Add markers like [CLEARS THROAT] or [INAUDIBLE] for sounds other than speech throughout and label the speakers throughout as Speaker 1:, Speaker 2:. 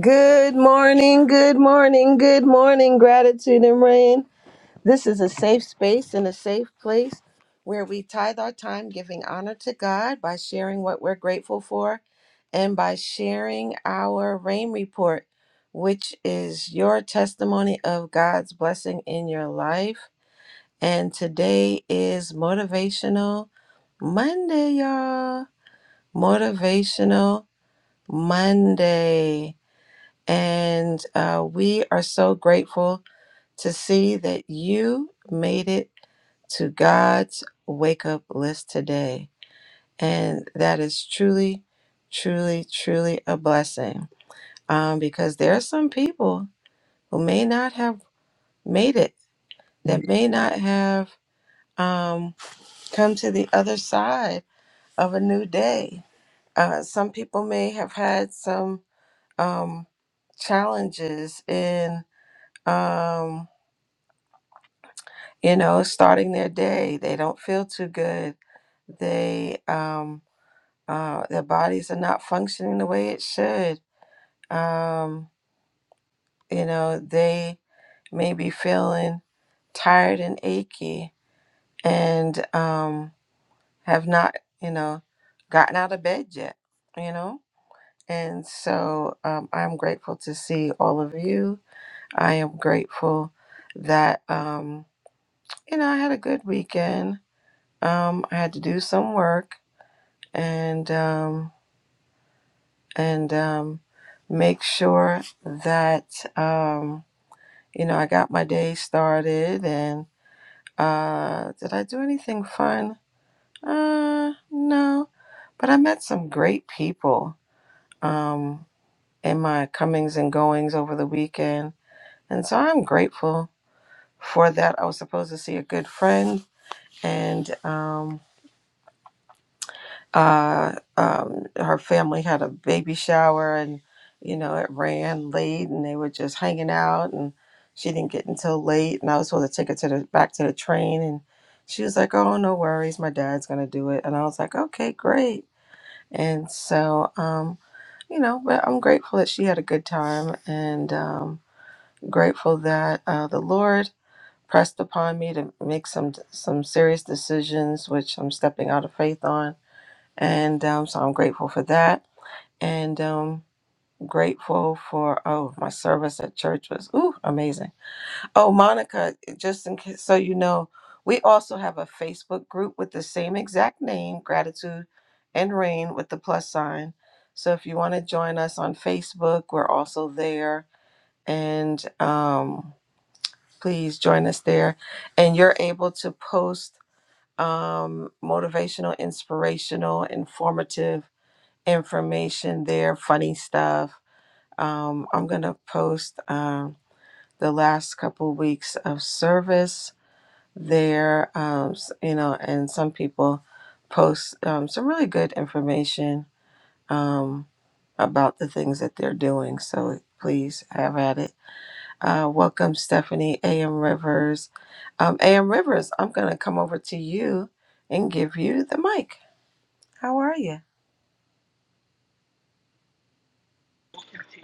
Speaker 1: Good morning, good morning, good morning.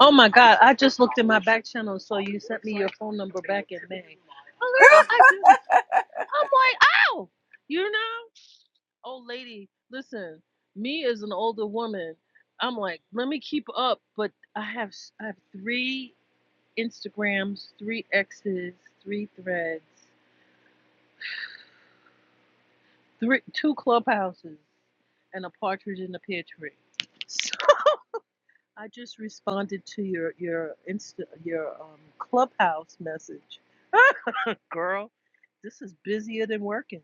Speaker 2: Oh my God, I just looked in my back channel, so you sent me your phone number back in May. Oh, girl, I just, I'm like, ow! You know? Old lady, listen, me as an older woman, I'm like, let me keep up, but I have, s- I have three Instagrams, three X's, three threads, three, two clubhouses, and a partridge in a pear tree. [LAUGHS] So I just responded to your, your Insta, your um, clubhouse message. [LAUGHS] girl, this is busier than working.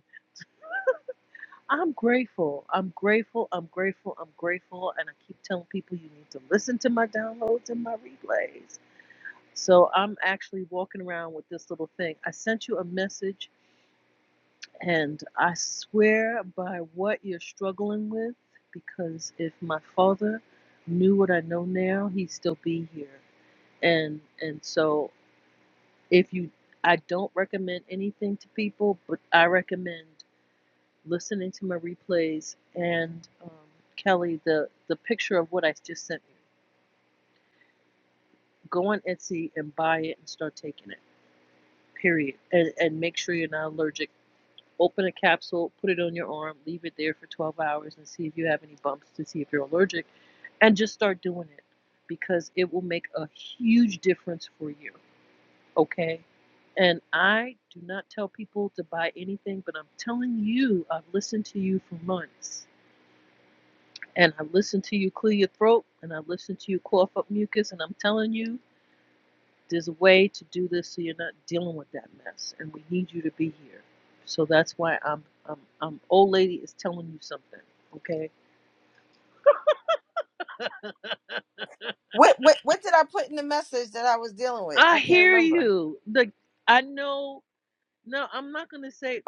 Speaker 2: I'm grateful. I'm grateful. I'm grateful. I'm grateful. And I keep telling people you need to listen to my downloads and my replays. So I'm actually walking around with this little thing. I sent you a message, and I swear by what you're struggling with, because if my father knew what I know now, he'd still be here. And and so if you I don't recommend anything to people, but I recommend listening to my replays, and um, Kelly, the, the picture of what I just sent you. Go on Etsy and buy it and start taking it, period. And, and make sure you're not allergic. Open a capsule, put it on your arm, leave it there for 12 hours and see if you have any bumps to see if you're allergic. And just start doing it because it will make a huge difference for you, okay? And I do not tell people to buy anything, but I'm telling you, I've listened to you for months and I've listened to you clear your throat, and I've listened to you cough up mucus, and I'm telling you, there's a way to do this so you're not dealing with that mess, and we need you to be here. So that's why I'm, I'm, I'm old lady is telling you something, okay? I hear you. Like I know. No, I'm not gonna say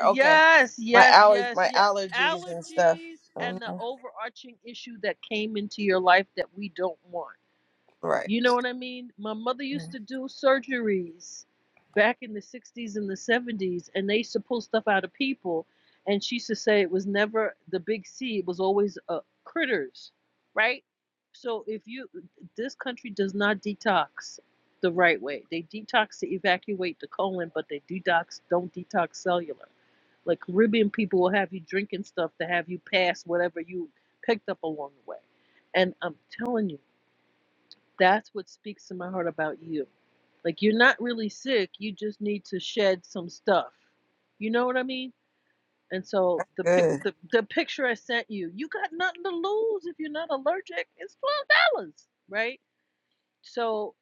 Speaker 2: yes, yes, yes, yes. Allergies and the overarching issue that came into your life that we don't want. You know what I mean? My mother used to do surgeries back in the 60s and the 70s, and they used to pull stuff out of people. And she used to say it was never the big C, it was always uh, critters, right? So if you, this country does not detox the right way. They detox to evacuate the colon, but they detox, don't detox cellular. Like Caribbean people will have you drinking stuff to have you pass whatever you picked up along the way. And I'm telling you, that's what speaks to my heart about you. Like you're not really sick, you just need to shed some stuff. You know what I mean? And so the pic the, the picture I sent you, you got nothing to lose if you're not allergic. It's twelve dollars, right? So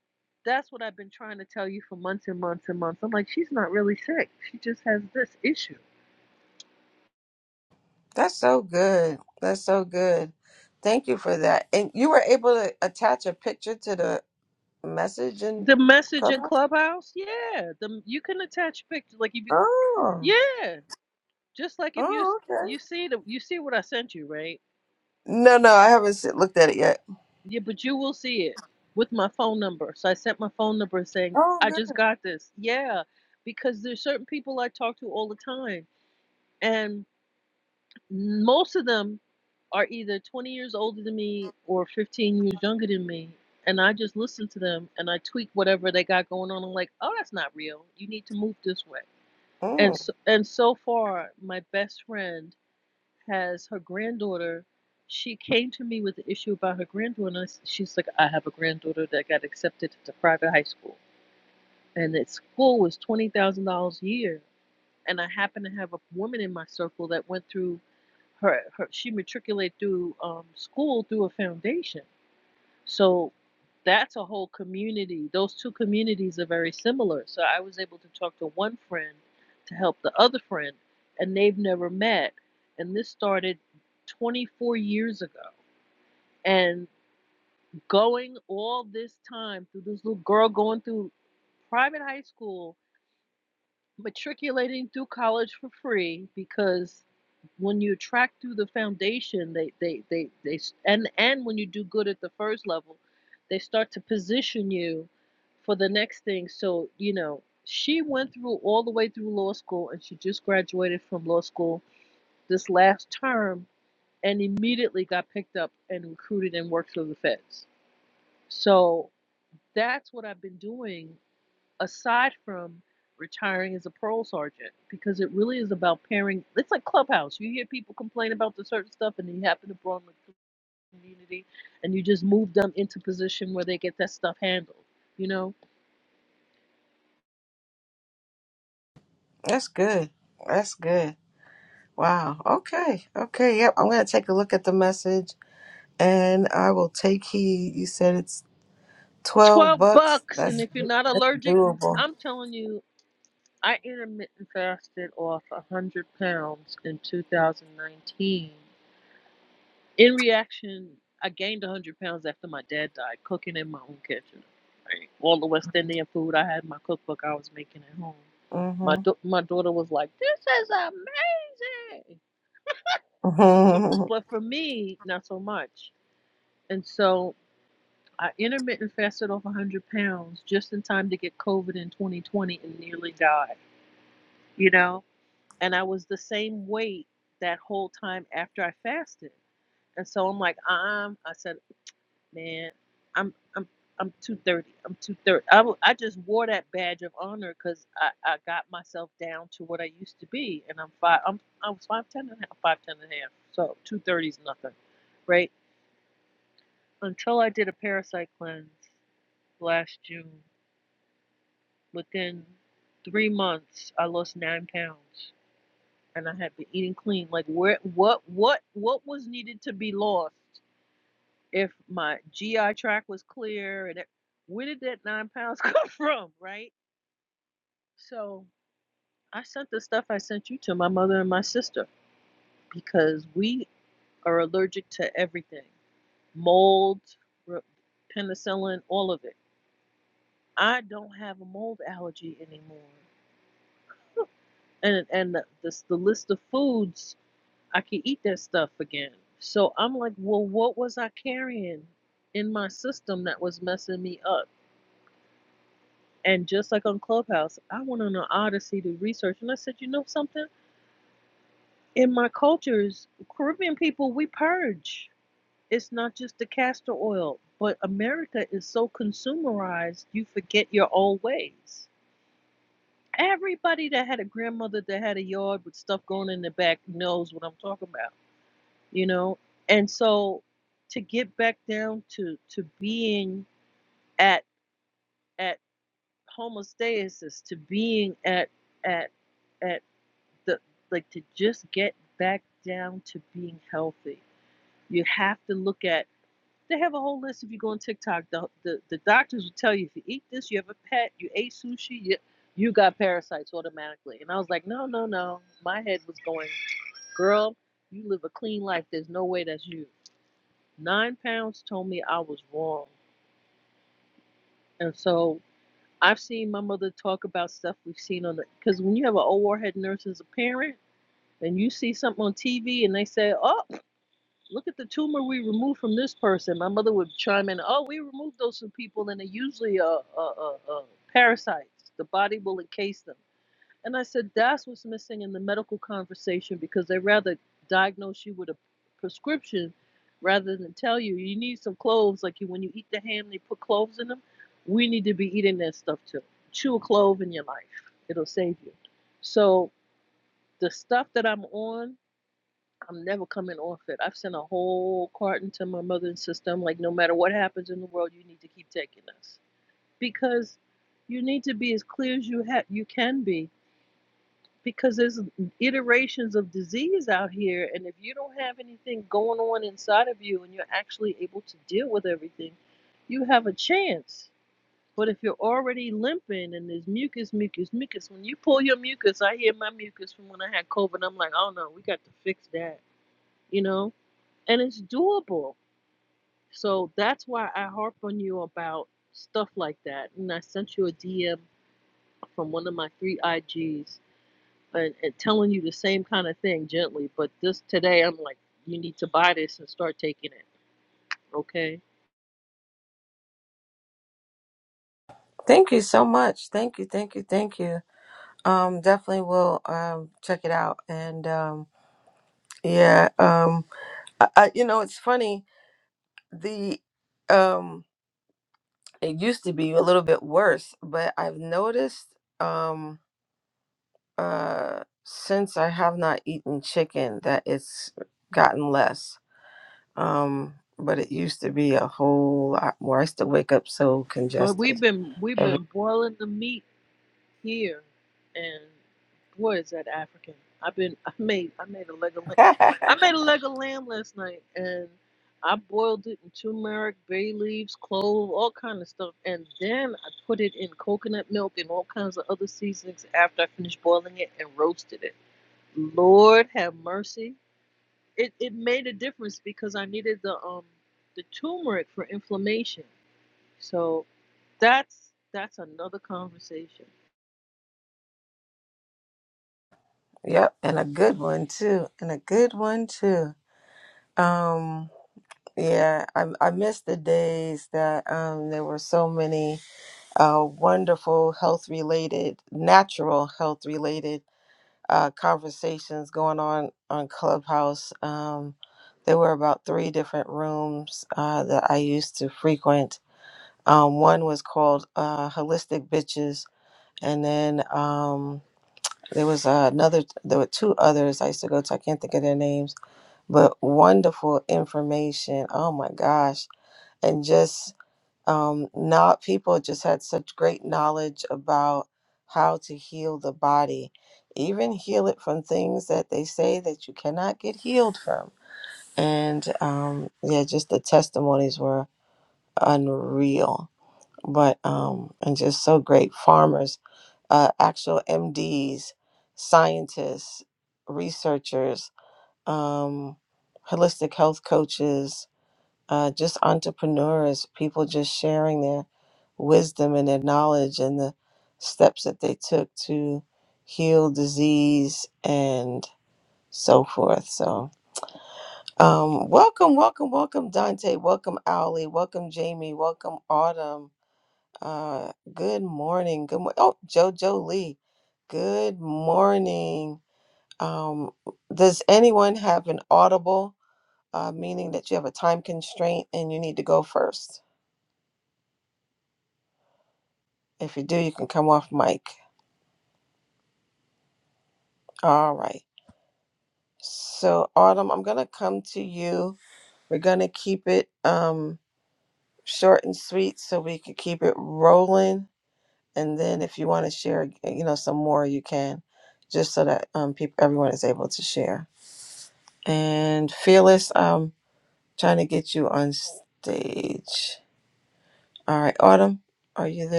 Speaker 2: that's what I've been trying to tell you for months and months and months. I'm like, she's not really sick. She just has this issue. The message in Clubhouse, yeah. The you can attach pictures, like if you, yeah. Just like if you you see the you see what I sent you, right? Yeah, but you will see it with my phone number. So I sent my phone number saying, I just got this. Yeah, because there's certain people I talk to all the time, and most of them are either 20 years older than me or 15 years younger than me. And I just listen to them and I tweak whatever they got going on. I'm like, oh, that's not real. You need to move this way. And so, and so far, my best friend has her granddaughter. She came to me with the issue about her granddaughter. She's like, I have a granddaughter that got accepted to private high school, and its school was twenty thousand dollars a year. And I happen to have a woman in my circle that went through her. her she matriculated through um, school through a foundation. So that's a whole community. Those two communities are very similar. So I was able to talk to one friend to help the other friend, and they've never met. And this started 24 years ago. And going all this time through this little girl going through private high school matriculating through college for free because when you track through the foundation they they they, they and and when you do good at the first level they start to position you for the next thing so you know she went through all the way through law school and she just graduated from law school this last term and immediately got picked up and recruited and worked for the feds so that's what i've been doing aside from retiring as a parole sergeant because it really is about pairing it's like clubhouse you hear people complain about the certain stuff and you happen to belong to the community and you just move them into position where they get that stuff handled you know 12 bucks and if you're not allergic i'm telling you i intermittent fasted off 100 pounds in 2019 In reaction, I gained 100 pounds after my dad died, cooking in my own kitchen. Right. All the West Indian food I had in my cookbook I was making at home. My da- my daughter was like, "This is amazing," but for but for me, not so much. And so I intermittent fasted off 100 pounds just in time to get COVID in 2020 and nearly died. You know, and I was the same weight that whole time after I fasted. And so I'm like, um, I said. man. I'm I'm I'm 230. I'm 230. I, w- I just wore that badge of honor because I, I got myself down to what I used to be, and I'm five. I'm I was five ten and a half, five ten and a half. So 230 is nothing, right? Until I did a parasite cleanse last June, within three months I lost nine pounds, and I had been eating clean. Like where what what what was needed to be lost? if my GI tract was clear and it, where did that nine pounds [LAUGHS] come from, right? So I sent the stuff I sent you to my mother and my sister because we are allergic to everything mold, penicillin, all of it. I don't have a mold allergy anymore. And, and the, the, the list of foods, I can eat that stuff again. So I'm like, well, what was I carrying in my system that was messing me up? And just like on Clubhouse, I went on an odyssey to research, and I said, you know something? In my cultures, Caribbean people, we purge. It's not just the castor oil, but America is so consumerized, you forget your old ways. Everybody that had a grandmother that had a yard with stuff going in the back knows what I'm talking about, you know? And so to get back down to, to being at, at homostasis, to being at, at, at the like to just get back down to being healthy. You have to look at they have a whole list if you go on TikTok. The the, the doctors will tell you if you eat this, you have a pet, you ate sushi, you you got parasites automatically. And I was like, no, no, no. My head was going, girl, you live a clean life. There's no way that's you. Nine pounds told me I was wrong. And so I've seen my mother talk about stuff we've seen on the because when you have an old warhead nurse as a parent and you see something on TV and they say, oh, look at the tumor we removed from this person. My mother would chime in, oh, we removed those from people, and they're usually uh, uh, uh, uh, parasites. The body will encase them. And I said, that's what's missing in the medical conversation because they rather diagnose you with a prescription rather than tell you, you need some cloves. Like you, when you eat the ham, they put cloves in them. We need to be eating that stuff too. Chew a clove in your life, it'll save you. So the stuff that I'm on I'm never coming off it. I've sent a whole carton to my mother and sister. I'm like, no matter what happens in the world, you need to keep taking this because you need to be as clear as you ha- you can be because there's iterations of disease out here, and if you don't have anything going on inside of you and you're actually able to deal with everything, you have a chance. But if you're already limping and there's mucus, mucus, mucus, when you pull your mucus, I hear my mucus from when I had COVID. I'm like, oh no, we got to fix that, you know and it's doable. So that's why I harp on you about stuff like that. And I sent you a DM from one of my three IGs and, and telling you the same kind of thing gently. But this today, I'm like, you need to buy this and start taking it. Okay, but we've been we've been boiling the meat here, and boy is that African. I've been [LAUGHS] I made I made a leg of lamb. I made a leg of lamb last night, and I boiled it in turmeric, bay leaves, clove, all kind of stuff, and then I put it in coconut milk and all kinds of other seasonings after I finished boiling it and roasted it. Lord have mercy. It it made a difference because I needed the um the turmeric for inflammation. So that's that's another conversation.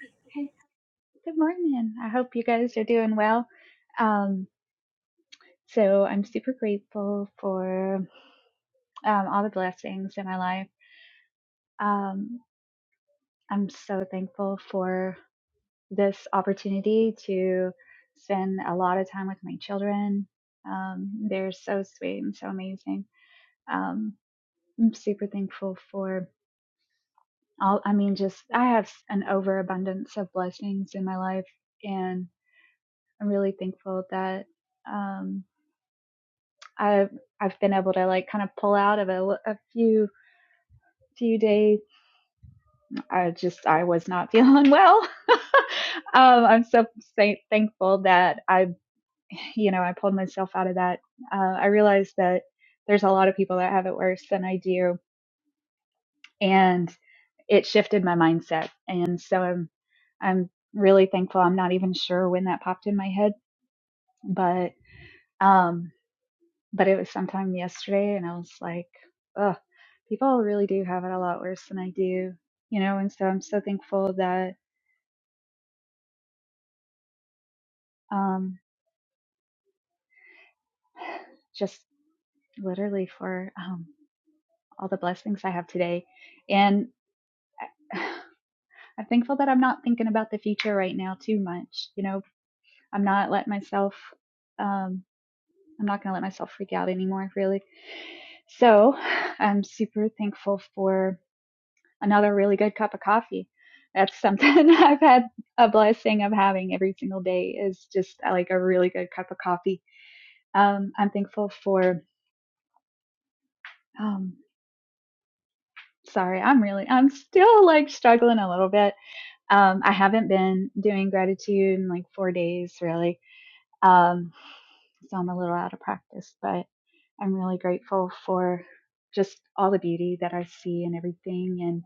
Speaker 3: Hey, good morning. I hope you guys are doing well. Um, so I'm super grateful for um, all the blessings in my life. Um, I'm so thankful for this opportunity to spend a lot of time with my children. Um, they're so sweet and so amazing. Um, I'm super thankful for all, I mean, just I have an overabundance of blessings in my life, and I'm really thankful that. Um, I've I've been able to like kind of pull out of a, a few few days. I just I was not feeling well. [LAUGHS] um, I'm so thankful that I, you know, I pulled myself out of that. Uh, I realized that there's a lot of people that have it worse than I do, and it shifted my mindset. And so I'm I'm really thankful. I'm not even sure when that popped in my head, but. Um, but it was sometime yesterday and I was like, ugh, people really do have it a lot worse than I do, you know, and so I'm so thankful that um just literally for um all the blessings I have today. And [SIGHS] I'm thankful that I'm not thinking about the future right now too much. You know, I'm not letting myself um I'm not gonna let myself freak out anymore really. So [SIGHS] I'm super thankful for another really good cup of coffee. That's something [LAUGHS] I've had a blessing of having every single day is just uh, like a really good cup of coffee. Um, I'm thankful for, um, sorry, I'm really, I'm still like struggling a little bit. Um, I haven't been doing gratitude in like four days really. Um, so I'm a little out of practice, but I'm really grateful for just all the beauty that I see and everything. And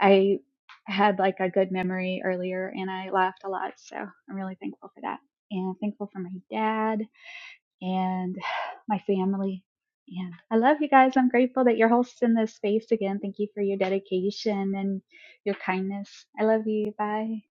Speaker 3: I had like a good memory earlier and I laughed a lot. So I'm really thankful for that. And thankful for my dad and [SIGHS] my family. And I love you guys. I'm grateful that you're hosting this space again. Thank you for your dedication and your kindness. I love you. Bye.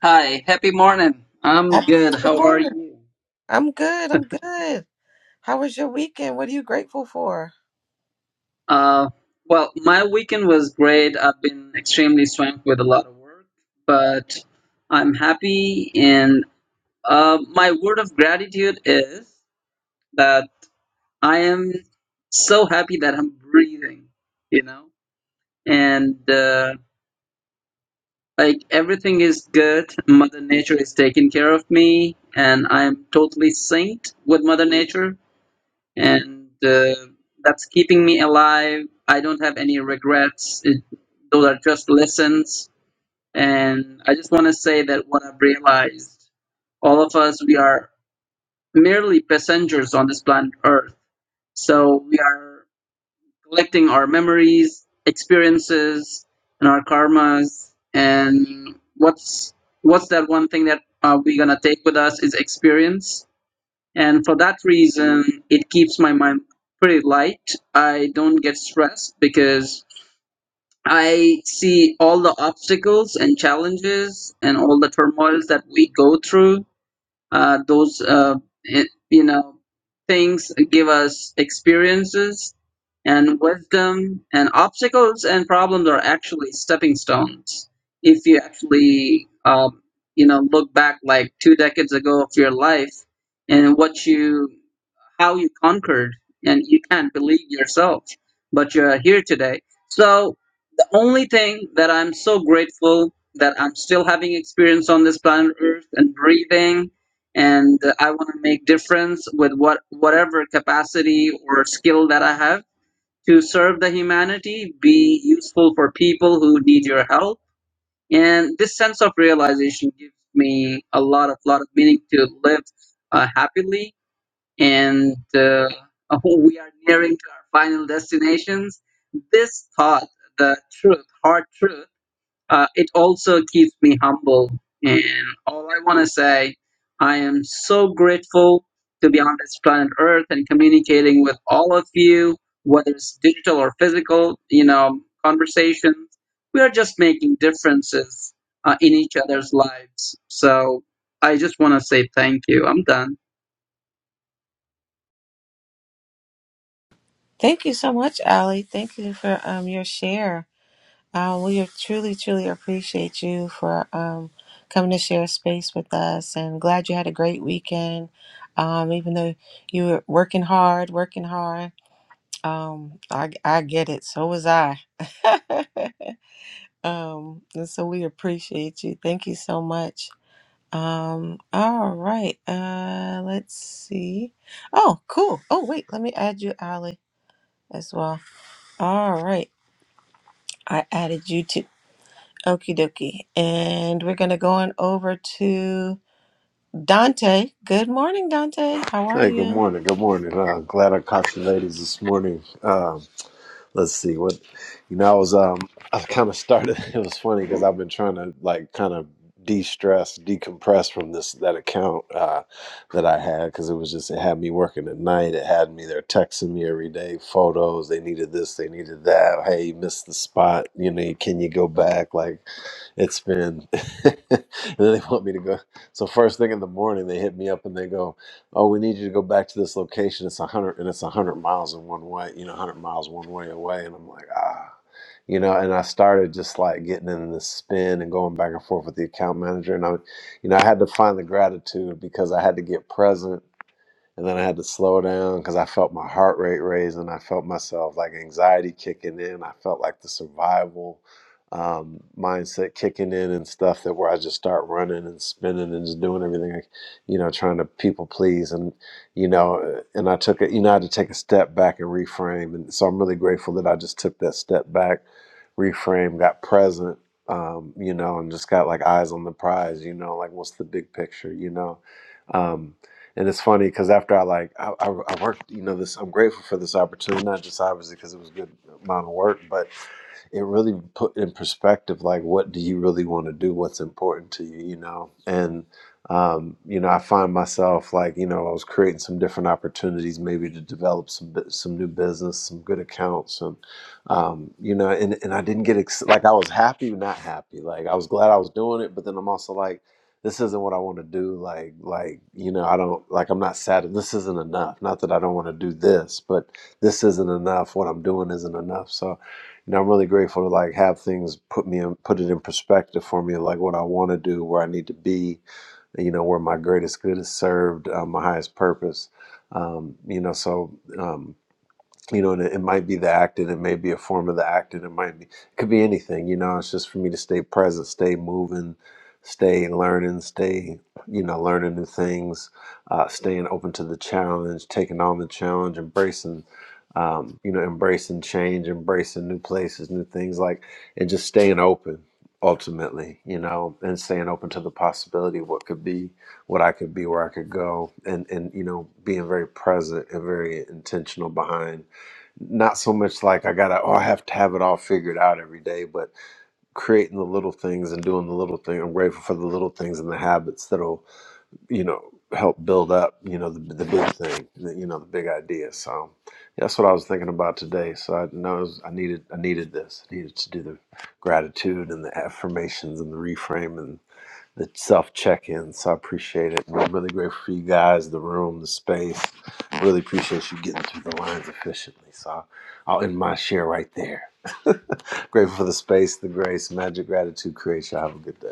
Speaker 4: Hi, happy morning. I'm good. How are you? Uh, well, my weekend was great. I've been extremely swamped with a lot of work, but I'm happy. And uh, my word of gratitude is that I am so happy that I'm breathing, you know? And uh, like everything is good. Mother Nature is taking care of me, and I'm totally synced with Mother Nature and uh, that's keeping me alive. I don't have any regrets. It, those are just lessons, and I just want to say that what I've realized, all of us, we are merely passengers on this planet Earth. So we are collecting our memories, experiences, and our karmas. And what's what's that one thing that uh, we're gonna take with us is experience and for that reason, it keeps my mind pretty light. I don't get stressed because I see all the obstacles and challenges and all the turmoils that we go through. Uh, those, uh, it, you know, things give us experiences and wisdom, and obstacles and problems are actually stepping stones. If you actually, um, you know, look back like two decades ago of your life and what you how you conquered and you can't believe yourself but you're here today so the only thing that i'm so grateful that i'm still having experience on this planet earth and breathing and uh, i want to make difference with what whatever capacity or skill that i have to serve the humanity be useful for people who need your help and this sense of realization gives me a lot of lot of meaning to live uh, happily and uh, [LAUGHS] we are nearing to our final destinations. This thought, the truth, hard truth, uh, it also keeps me humble. And all I want to say, I am so grateful to be on this planet Earth and communicating with all of you, whether it's digital or physical, you know, conversations. We are just making differences uh, in each other's lives. So I just want to say thank you. I'm done.
Speaker 5: Hey, good morning. Good morning. Uh, glad I caught you ladies this morning. Um, let's see what, you know, I was, um, I kind of started, [LAUGHS] it was funny because I've been trying to like kind of de-stress, decompress from this, that account, uh, that I had because it was just, it had me working at night. It had me, they're texting me every day, photos. They needed this, they needed that. Hey, you missed the spot. You know, can you go back? Like, it's been [LAUGHS] and then they want me to go so first thing in the morning they hit me up and they go oh, we need you to go back to this location. It's a hundred and it's a hundred miles in one way, you know, a hundred miles one way away. And I'm like, ah, you know, and I started just like getting in this spin and going back and forth with the account manager. And I, you know, I had to find the gratitude because I had to get present and then I had to slow down because I felt my heart rate raising. I felt myself like anxiety kicking in. I felt like the survival um, mindset kicking in and stuff that where I just start running and spinning and just doing everything, like, you know, trying to people please and you know, uh, and I took it. You know, I had to take a step back and reframe. And so I'm really grateful that I just took that step back, reframe, got present. Um, you know, and just got like eyes on the prize, you know, like what's the big picture, you know. Um, and it's funny because after I like I, I, I worked, you know, this I'm grateful for this opportunity, not just obviously because it was a good amount of work, but it really put in perspective like what do you really want to do, what's important to you, you know, and um, you know I find myself like you know I was creating some different opportunities maybe to develop some bu- some new business, some good accounts, and um, you know, and and I didn't get ex- like I was happy, not happy, like I was glad I was doing it, but then I'm also like this isn't what I want to do. Like, like, you know, I don't like, I'm not sad. This isn't enough. Not that I don't want to do this, but this isn't enough. What I'm doing isn't enough. So, you know, I'm really grateful to like have things put me in, put it in perspective for me, like what I want to do, where I need to be, you know, where my greatest good is served, uh, my highest purpose. Um, you know, so, um, you know, and it, it might be the acting. it may be a form of the acting. it might be, it could be anything, you know. It's just for me to stay present, stay moving, stay learning, stay, you know, learning new things, uh, staying open to the challenge, taking on the challenge, embracing, um, you know, embracing change, embracing new places, new things, like, and just staying open ultimately, you know, and staying open to the possibility of what could be, what I could be, where I could go, and and you know, being very present and very intentional behind not so much like I gotta oh I have to have it all figured out every day, but creating the little things and doing the little thing. I'm grateful for the little things and the habits that'll you know help build up you know the, the big thing, the, you know the big idea. So yeah, that's what I was thinking about today. So I know it was- I needed I needed this. I needed to do the gratitude and the affirmations and the reframing the self check in. So I appreciate it. And I'm really grateful for you guys, the room, the space. Really appreciate you getting through the lines efficiently. So I'll I'll end my share right there. [LAUGHS] grateful for the space, the grace, magic, gratitude, creation. Have a good day.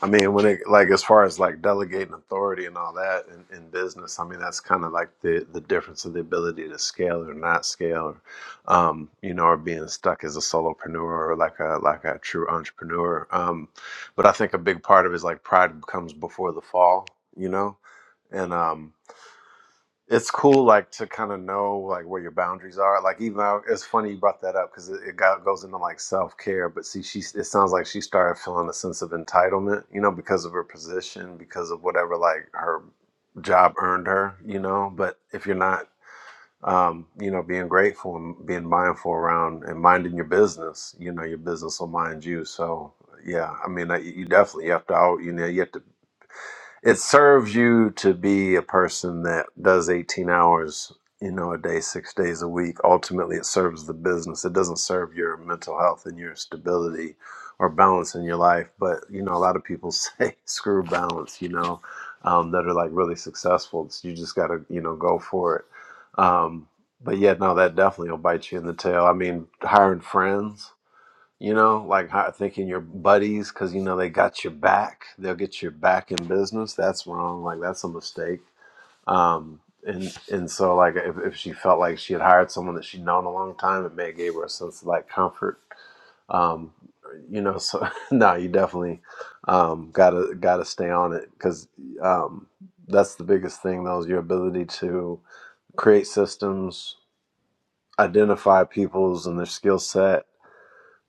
Speaker 5: I mean, when it like as far as like delegating authority and all that in, in business, I mean that's kind of like the the difference of the ability to scale or not scale, or um, you know, or being stuck as a solopreneur or like a like a true entrepreneur. Um, but I think a big part of it is like pride comes before the fall, you know, and um, it's cool like to kind of know like where your boundaries are like even though it's funny you brought that up because it, it got, goes into like self-care but see she it sounds like she started feeling a sense of entitlement you know because of her position because of whatever like her job earned her you know but if you're not um, you know being grateful and being mindful around and minding your business you know your business will mind you so yeah i mean uh, you you definitely have to al- you know you have to it serves you to be a person that does 18 hours you know a day six days a week ultimately it serves the business it doesn't serve your mental health and your stability or balance in your life but you know a lot of people [LAUGHS] say screw balance you know um, that are like really successful so you just gotta you know go for it um, but yeah no that definitely will bite you in the tail i mean hiring friends you know, like how- thinking your buddies because you know they got your back, they'll get your back in business. That's wrong. Like that's a mistake. Um, and and so like if, if she felt like she had hired someone that she'd known a long time, it may have gave her a sense of like comfort. Um, you know, so [LAUGHS] no, you definitely um, gotta gotta stay on it because um, that's the biggest thing. Though is your ability to create systems, identify people's and their skill set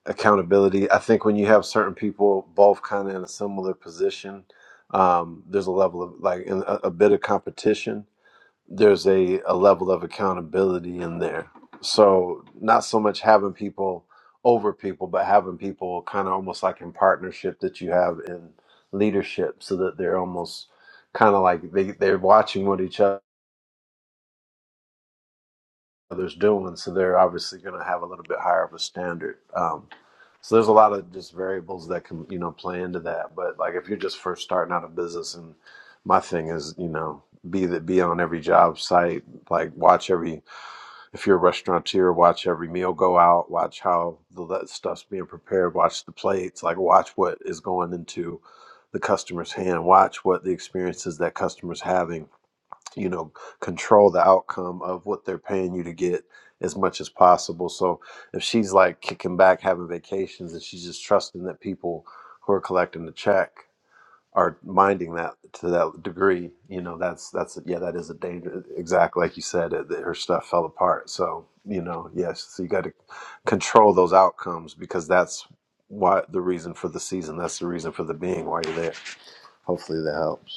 Speaker 5: accountability. I think when you have certain people both kind of in a similar position, um, there's a level of like in a, a bit of competition. There's a, a level of accountability in there. So not so much having people over people, but having people kind of almost like in partnership that you have in leadership, so that they're almost kind of like they they're watching what each other's doing. So they're obviously going to have a little bit higher of a standard. Um, So there's a lot of just variables that can, you know, play into that. But like if you're just first starting out a business and my thing is, you know, be that be on every job site, like watch every if you're a restaurateur, watch every meal go out, watch how the that stuff's being prepared, watch the plates, like watch what is going into the customer's hand, watch what the experiences that customers having you know control the outcome of what they're paying you to get as much as possible so if she's like kicking back having vacations and she's just trusting that people who are collecting the check are minding that to that degree you know that's that's yeah that is a danger exactly like you said uh, that her stuff fell apart so you know yes so you got to control those outcomes because that's why the reason for the season that's the reason for the being why you're there hopefully that helps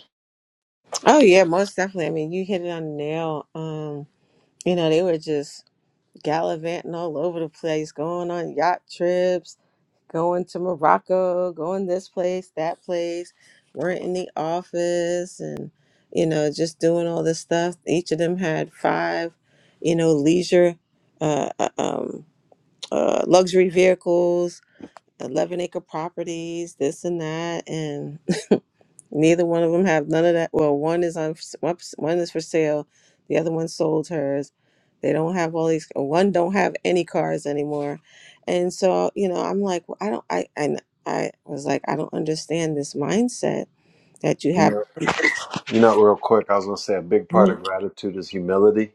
Speaker 5: You know, real quick, I was going to say a big part of gratitude is humility,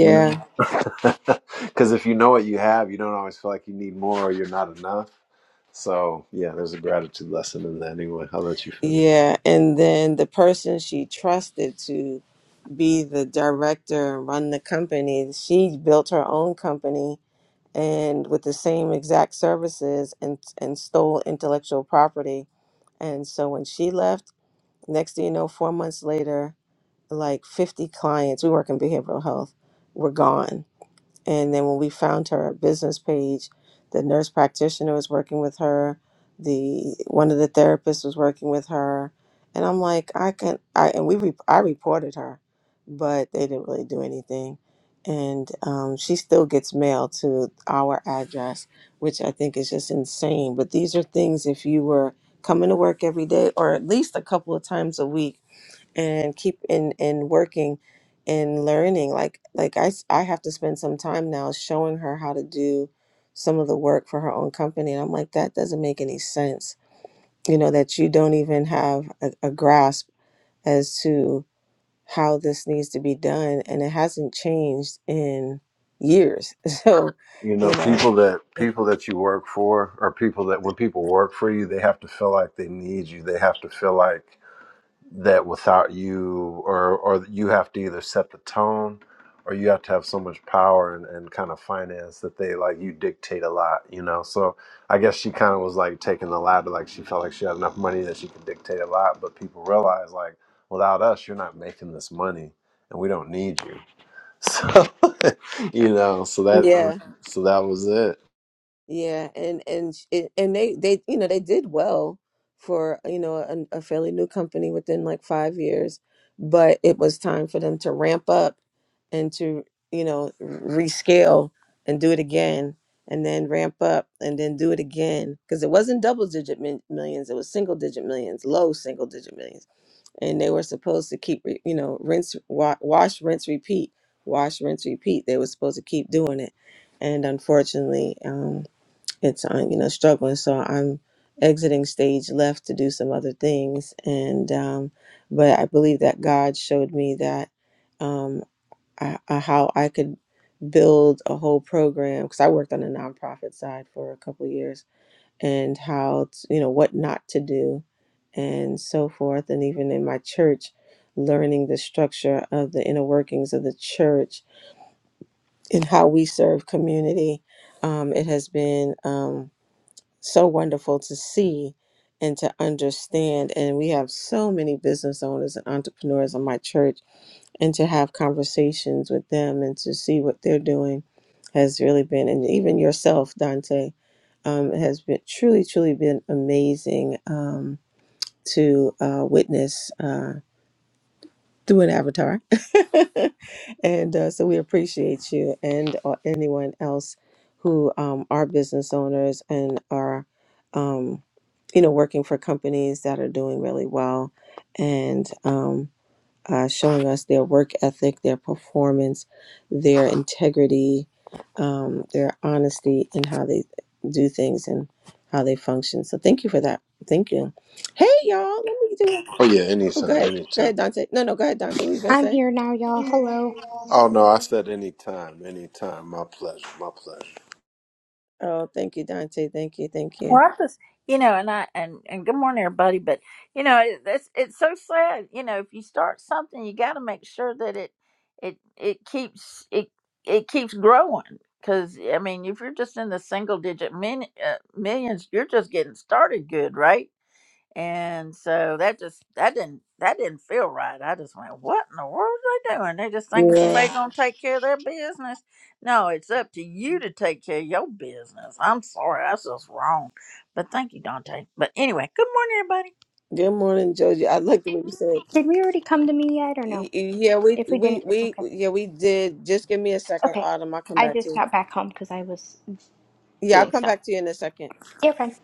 Speaker 5: you know? [LAUGHS] Because if you know what you have, you don't always feel like you need more or you're not enough. So, yeah, there's a gratitude lesson in that anyway. I'll let you finish. You know, people that people that you work for are people that when people work for you, they have to feel like they need you. They have to feel like that without you or or you have to either set the tone or you have to have so much power and, and kind of finance that they like you dictate a lot you know so i guess she kind of was like taking the latter like she felt like she had enough money that she could dictate a lot but people realize like without us you're not making this money and we don't need you so [LAUGHS] you know so that so that was it oh yeah anytime anytime
Speaker 6: I'm here now, y'all. Hello.
Speaker 5: oh no i said anytime anytime my pleasure my pleasure
Speaker 7: Well, I just, you know, and I and and good morning, everybody. But you know, it, it's it's so sad. You know, if you start something, you got to make sure that it it it keeps it it keeps growing. Because I mean, if you're just in the single digit min, uh, millions, you're just getting started, good, right? And so that just that didn't that didn't feel right. I just went, what in the world are they doing? They just thinking somebody's gonna take care of their business. No, it's up to you to take care of your business. I'm sorry, that's just wrong. But thank you, Dante. But anyway, good morning, everybody.
Speaker 6: Did we already come to me yet or no? If we didn't, it's okay. Okay. I just got back home because I was. You're fine.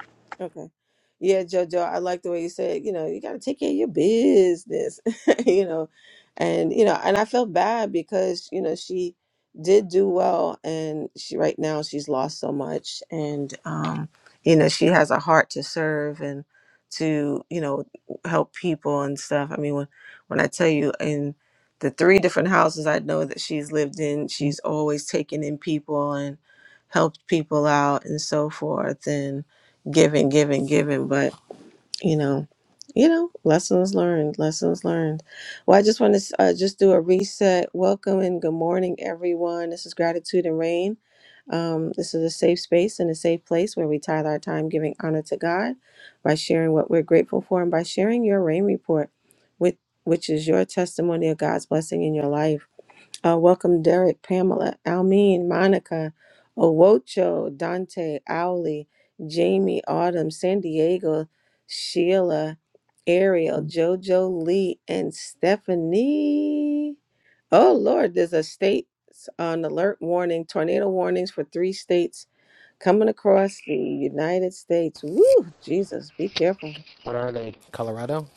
Speaker 8: What are they? Colorado?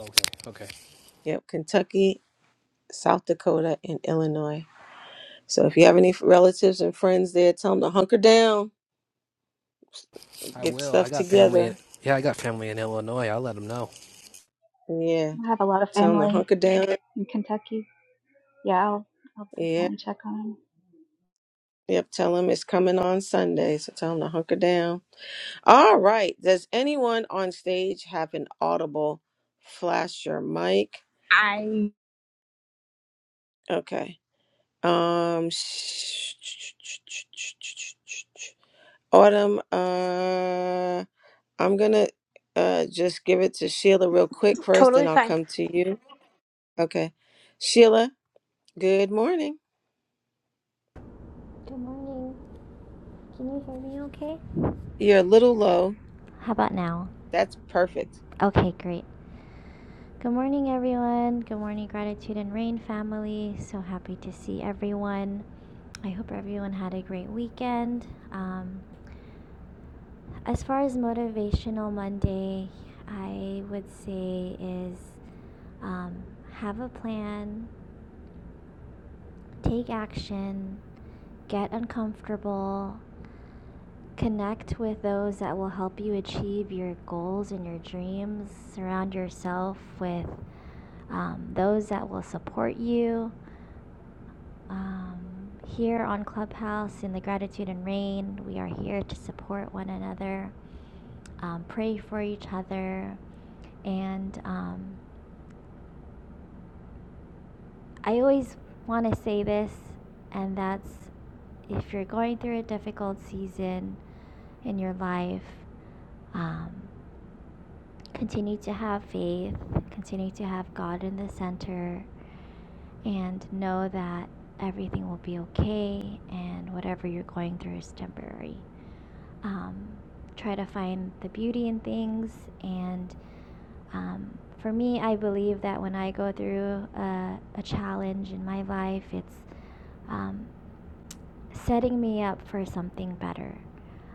Speaker 8: Okay, okay. I will. I got family. In, yeah, I got family in Illinois. I'll let them know.
Speaker 3: I have a lot of family in Kentucky. Yeah, I'll, I'll definitely check on on 'em.
Speaker 6: I. Totally fine.
Speaker 9: Good morning. Can you hear me okay? How about now? Okay, great. Good morning, everyone. Good morning, Gratitude and Rain family. So happy to see everyone. I hope everyone had a great weekend. Um, as far as Motivational Monday, I would say is um, have a plan, take action, get uncomfortable, Connect with those that will help you achieve your goals and your dreams. Surround yourself with um, those that will support you. Um, here on Clubhouse in the Gratitude and Rain, we are here to support one another, um, pray for each other. And um, I always want to say this, and that's if you're going through a difficult season in your life, um, Continue to have faith, continue to have God in the center, and know that everything will be okay and whatever you're going through is temporary. Um, try to find the beauty in things. And um, for me, I believe that when I go through a, a challenge in my life, it's um, setting me up for something better,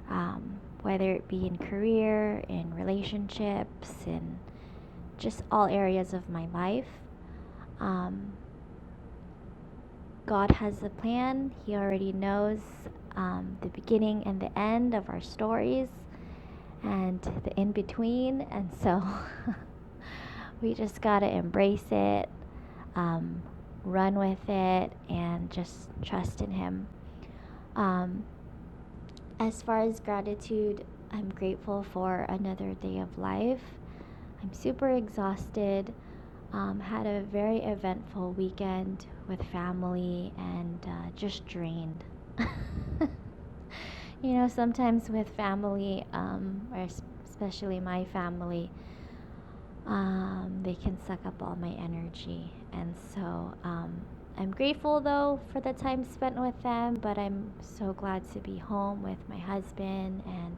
Speaker 9: um, whether it be in career, in relationships, in just all areas of my life. Um, God has a plan, He already knows um, the beginning and the end of our stories and the in between. And so [LAUGHS] we just got to embrace it, um, run with it, and just trust in Him. Um, As far as gratitude, I'm grateful for another day of life. I'm super exhausted. Um, had a very eventful weekend with family and uh, just drained. [LAUGHS] you know, sometimes with family, um, or especially my family, um, they can suck up all my energy. And so um, I'm grateful though for the time spent with them, but I'm so glad to be home with my husband and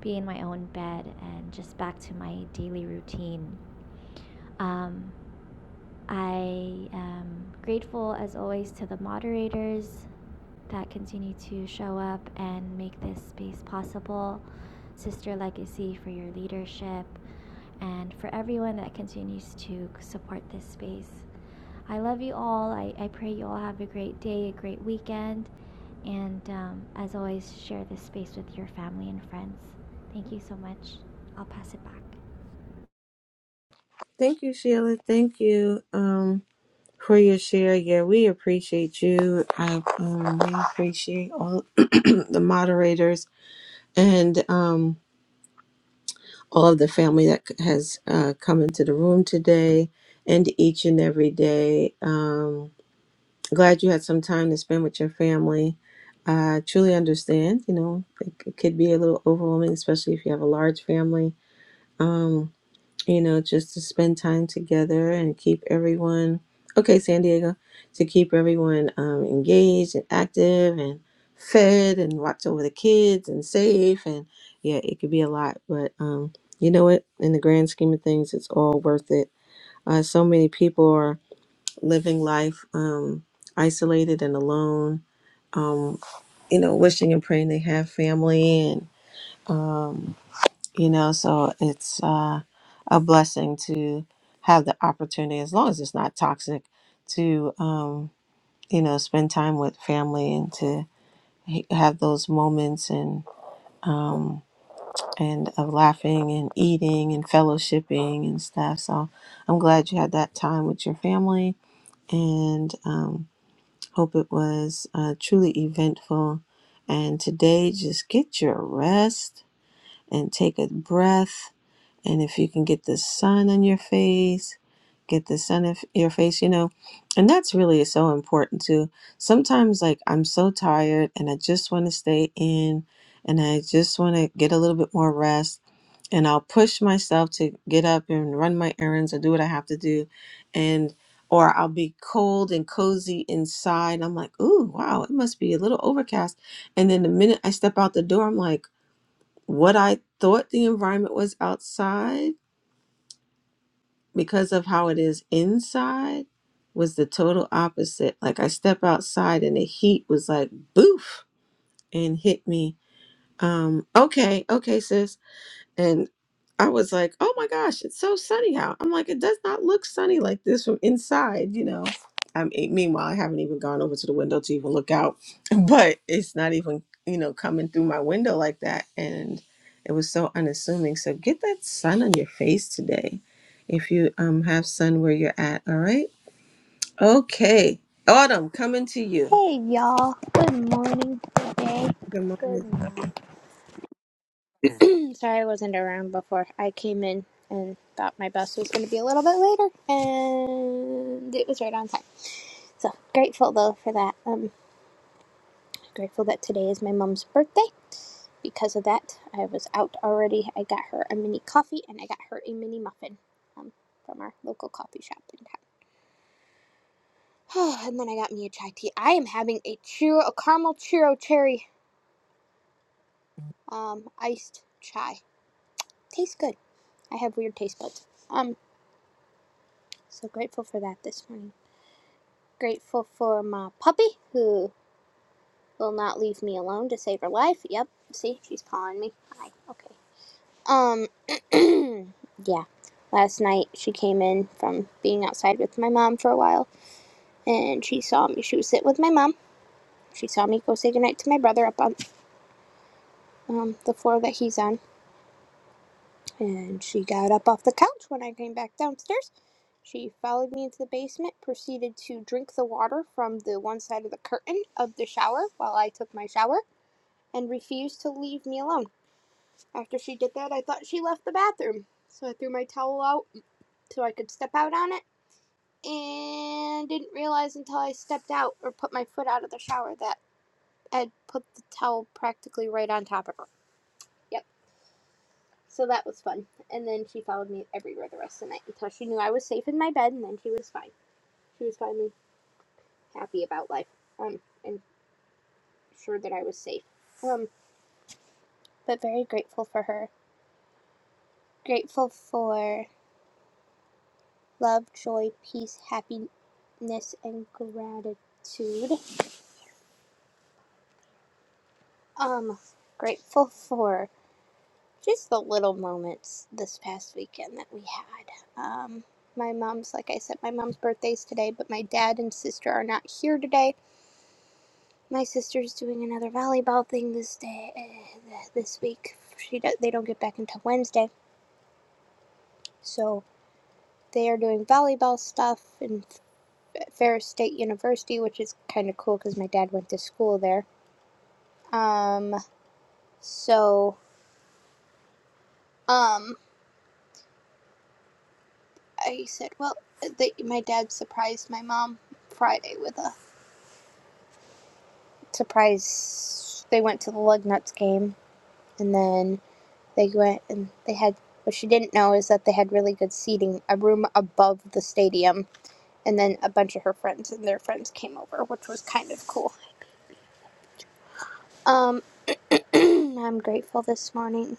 Speaker 9: be in my own bed and just back to my daily routine. Um, I am grateful, as always, to the moderators that continue to show up and make this space possible. Sister Legacy for your leadership, and for everyone that continues to support this space. I love you all. I, I pray you all have a great day, a great weekend, and um, as always, share this space with your family and friends. Thank you so much. I'll pass it back.
Speaker 6: Hey, y'all. Good morning. Good day. Good morning. Sorry I wasn't around before. I came in and thought my bus was going to be a little bit later, and it was right on time. So grateful though for that. Um, Grateful that today is my mom's birthday. Because of that, I was out already. I got her a mini coffee and I got her a mini muffin um, from our local coffee shop in town. [SIGHS] Oh, and then I got me a chai tea. I am having a churro, a caramel churro cherry um, iced chai. Tastes good. I have weird taste buds. Um, so grateful for that this morning. Grateful for my puppy who will not leave me alone to save her life. Yep. See, she's pawing me. Hi. Okay. Um, [CLEARS THROAT] yeah. Last night she came in from being outside with my mom for a while, and she saw me. She was sitting with my mom. She saw me go say goodnight to my brother up on um, the floor that he's on, and she got up off the couch when I came back downstairs. She followed me into the basement, proceeded to drink the water from the one side of the curtain of the shower while I took my shower, and refused to leave me alone. After she did that, I thought she left the bathroom, so I threw my towel out so I could step out on it and didn't realize until I stepped out or put my foot out of the shower that I'd put the towel practically right on top of her. Yep. So that was fun. And then she followed me everywhere the rest of the night until she knew I was safe in my bed, and then she was fine. She was finally happy about life, um, and sure that I was safe. Um, but very grateful for her. Grateful for love, joy, peace, happiness, and gratitude. Um, grateful for just the little moments this past weekend that we had. Um, my mom's, like I said, my mom's birthday's today, but my dad and sister are not here today. My sister's doing another volleyball thing this day, uh, this week. She do, they don't get back until Wednesday, so they are doing volleyball stuff in Ferris State University, which is kind of cool because my dad went to school there. Um, so um, I said, well, they, my dad surprised my mom Friday with a surprise they went to the Lugnuts game and then they went and they had what she didn't know is that they had really good seating a room above the stadium and then a bunch of her friends and their friends came over which was kind of cool um [CLEARS THROAT] i'm grateful this morning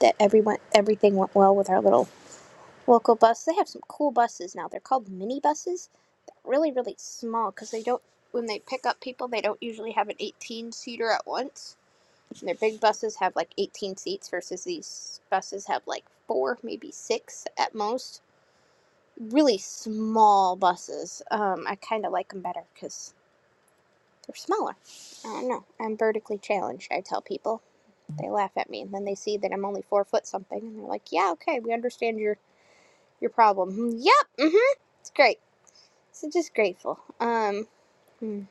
Speaker 6: that everyone everything went well with our little local bus they have some cool buses now they're called mini buses really really small because they don't when they pick up people they don't usually have an 18 seater at once And their big buses have like 18 seats versus these buses have like four, maybe six at most. Really small buses. Um, I kind of like them better because they're smaller. I don't know. I'm vertically challenged, I tell people. They laugh at me and then they see that I'm only four foot something and they're like, yeah, okay, we understand your, your problem. Hmm, Yep, hmm. It's great. So just grateful. Um, hmm,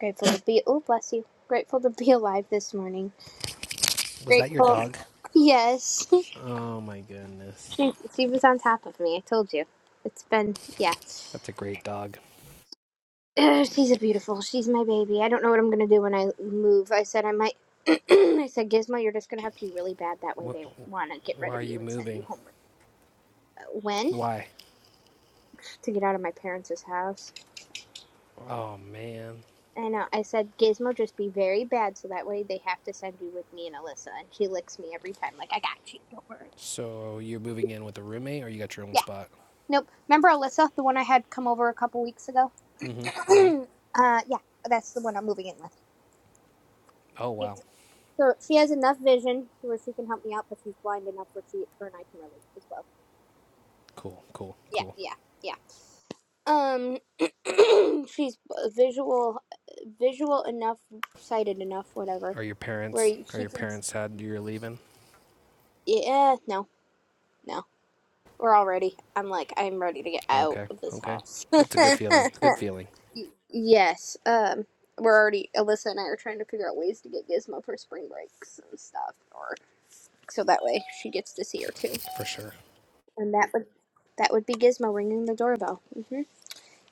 Speaker 6: grateful to be, oh, bless you. Grateful to be alive this morning.
Speaker 8: Was that your
Speaker 6: Grateful.
Speaker 8: dog?
Speaker 6: Yes. [LAUGHS]
Speaker 8: Oh my goodness,
Speaker 6: She was on top of me. I told you. It's been, yeah.
Speaker 8: that's a great dog.
Speaker 6: Ugh, she's a beautiful. She's my baby. I don't know what I'm gonna do when I move. I said I might. [CLEARS THROAT] I said Gizmo, you're just gonna have to be really bad. That way
Speaker 8: What?
Speaker 6: they wanna get
Speaker 8: Why
Speaker 6: rid of
Speaker 8: are
Speaker 6: you
Speaker 8: you
Speaker 6: and send you
Speaker 8: moving?
Speaker 6: home. Uh, When
Speaker 8: Why?
Speaker 6: to get out of my parents' house?
Speaker 8: Oh man.
Speaker 6: I know. I said Gizmo, just be very bad, so that way they have to send you with me and Alyssa. And she licks me every time. Like I got you. Don't worry.
Speaker 8: So you're moving in with a roommate, or you got your own
Speaker 6: Yeah.
Speaker 8: spot?
Speaker 6: Nope. Remember Alyssa, the one I had come over a couple weeks ago?
Speaker 8: Mm-hmm.
Speaker 6: [CLEARS THROAT]
Speaker 8: Mm-hmm.
Speaker 6: uh, yeah. That's the one I'm moving in with.
Speaker 8: Oh
Speaker 6: Yeah.
Speaker 8: wow.
Speaker 6: So she has enough vision to where she can help me out, but she's blind enough where she her and I can relate as well.
Speaker 8: Cool. Cool.
Speaker 6: Yeah,
Speaker 8: Cool.
Speaker 6: yeah, yeah. Um, [CLEARS THROAT] she's visual, visual enough, sighted enough, whatever.
Speaker 8: Are your
Speaker 6: Where
Speaker 8: parents? Are
Speaker 6: she
Speaker 8: your
Speaker 6: can.
Speaker 8: parents sad you're leaving?
Speaker 6: Yeah, no, no. We're already. I'm like, I'm ready to get out
Speaker 8: Okay.
Speaker 6: of this
Speaker 8: Okay.
Speaker 6: house.
Speaker 8: That's a good feeling. Good feeling
Speaker 6: [LAUGHS] yes. Um, we're already. Alyssa and I are trying to figure out ways to get Gizmo for spring breaks and stuff, or so that way she gets to see her too.
Speaker 8: for sure.
Speaker 6: And that would that would be Gizmo ringing the doorbell. hmm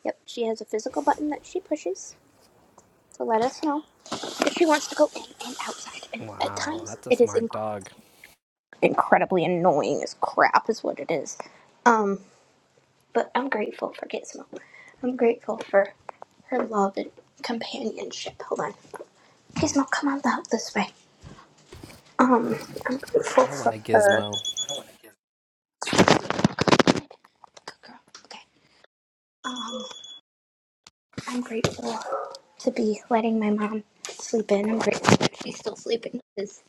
Speaker 6: Yep, she has a physical button that she pushes to let us know if she wants to go in and outside. And at
Speaker 8: Wow,
Speaker 6: times,
Speaker 8: that's a
Speaker 6: it is
Speaker 8: smart
Speaker 6: inc-
Speaker 8: dog.
Speaker 6: incredibly annoying as crap, is what it is. Um, but I'm grateful for Gizmo. I'm grateful for her love and companionship. Hold on, Gizmo, come on out this way. Um, I'm grateful
Speaker 8: I want
Speaker 6: for
Speaker 8: a
Speaker 6: her.
Speaker 8: gizmo.
Speaker 6: Good girl. Okay. Um. I'm grateful to be letting my mom sleep in. I'm grateful that she's still sleeping because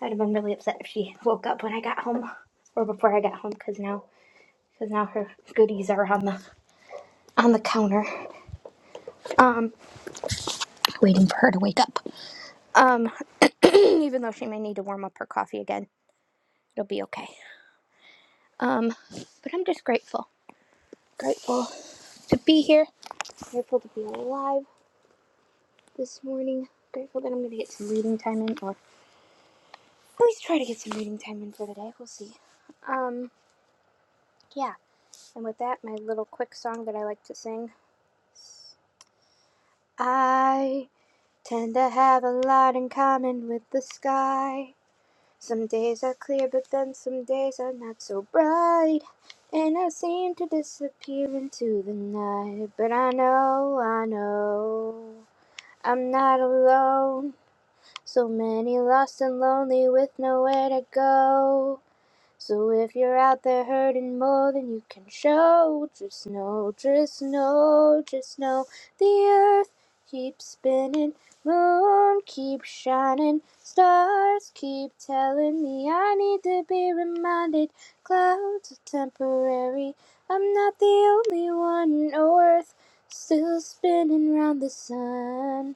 Speaker 6: I'd have been really upset if she woke up when I got home or before I got home because now because now her goodies are on the on the counter, um, waiting for her to wake up. Um, [CLEARS THROAT] even though she may need to warm up her coffee again, it'll be okay. Um, but I'm just grateful, grateful to be here. Grateful to be alive this morning. Grateful that I'm gonna get some reading time in, or at try to get some reading time in for the day. We'll see. Um, yeah. And with that, my little quick song that I like to sing. I tend to have a lot in common with the sky. Some days are clear, but then some days are not so bright. And I seem to disappear into the night. But I know, I know, I'm not alone. So many lost and lonely with nowhere to go. So if you're out there hurting more than you can show, just know, just know, just know the earth keeps spinning, moon keeps shining, stars keep telling me I need to be reminded. Clouds are temporary, I'm not the only one. oh, earth still spinning round the sun.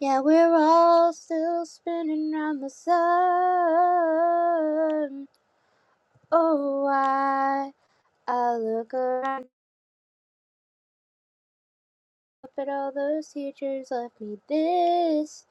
Speaker 6: Yeah, we're all still spinning round the sun. Oh, I, I look around. But all those teachers left me this.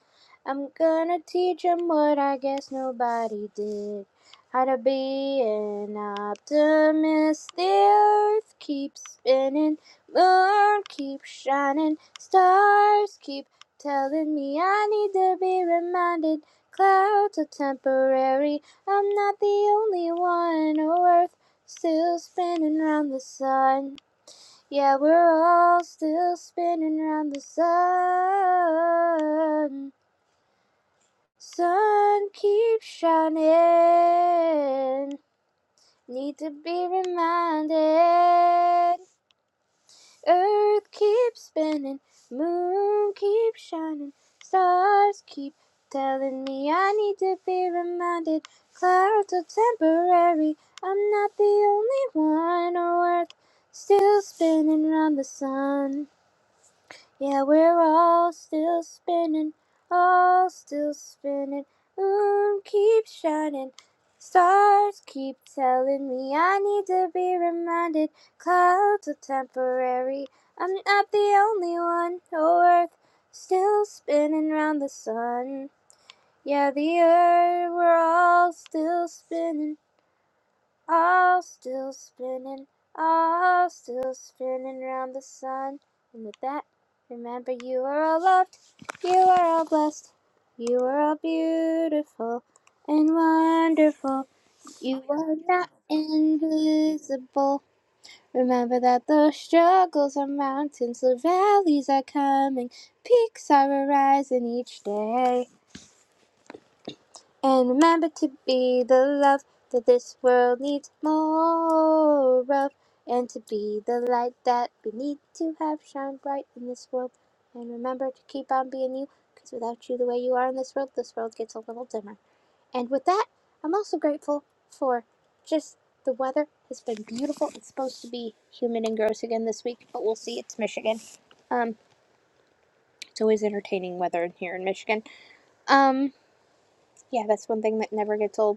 Speaker 6: I'm gonna teach 'em what I guess nobody did. How to be an optimist. The earth keeps spinning, moon keeps shining, stars keep telling me I need to be reminded. Clouds are temporary, I'm not the only one. Oh, earth still spinning round the sun. Yeah, we're all still spinning round the sun. Sun keeps shining. Need to be reminded. Earth keeps spinning. Moon keeps shining. Stars keep telling me I need to be reminded. Clouds are temporary. I'm not the only one. Earth still spinning round the sun. Yeah, we're all still spinning, all still spinning. Moon keeps shining, stars keep telling me I need to be reminded. Clouds are temporary, I'm not the only one. Oh, Earth still spinning round the sun. Yeah, the Earth, we're all still spinning. All still spinning, all still spinning round the sun. And with that, remember you are all loved, you are all blessed, you are all beautiful and wonderful. You are not invisible. Remember that those struggles are mountains, the valleys are coming, peaks are arising each day. And remember to be the love that this world needs more of, and to be the light that we need to have shine bright in this world. And remember to keep on being you, because without you the way you are in this world, this world gets a little dimmer. And with that, I'm also grateful for just the weather has been beautiful. It's supposed to be humid and gross again this week, but we'll see. It's Michigan. Um, it's always entertaining weather here in Michigan. Um, yeah, that's one thing that never gets old.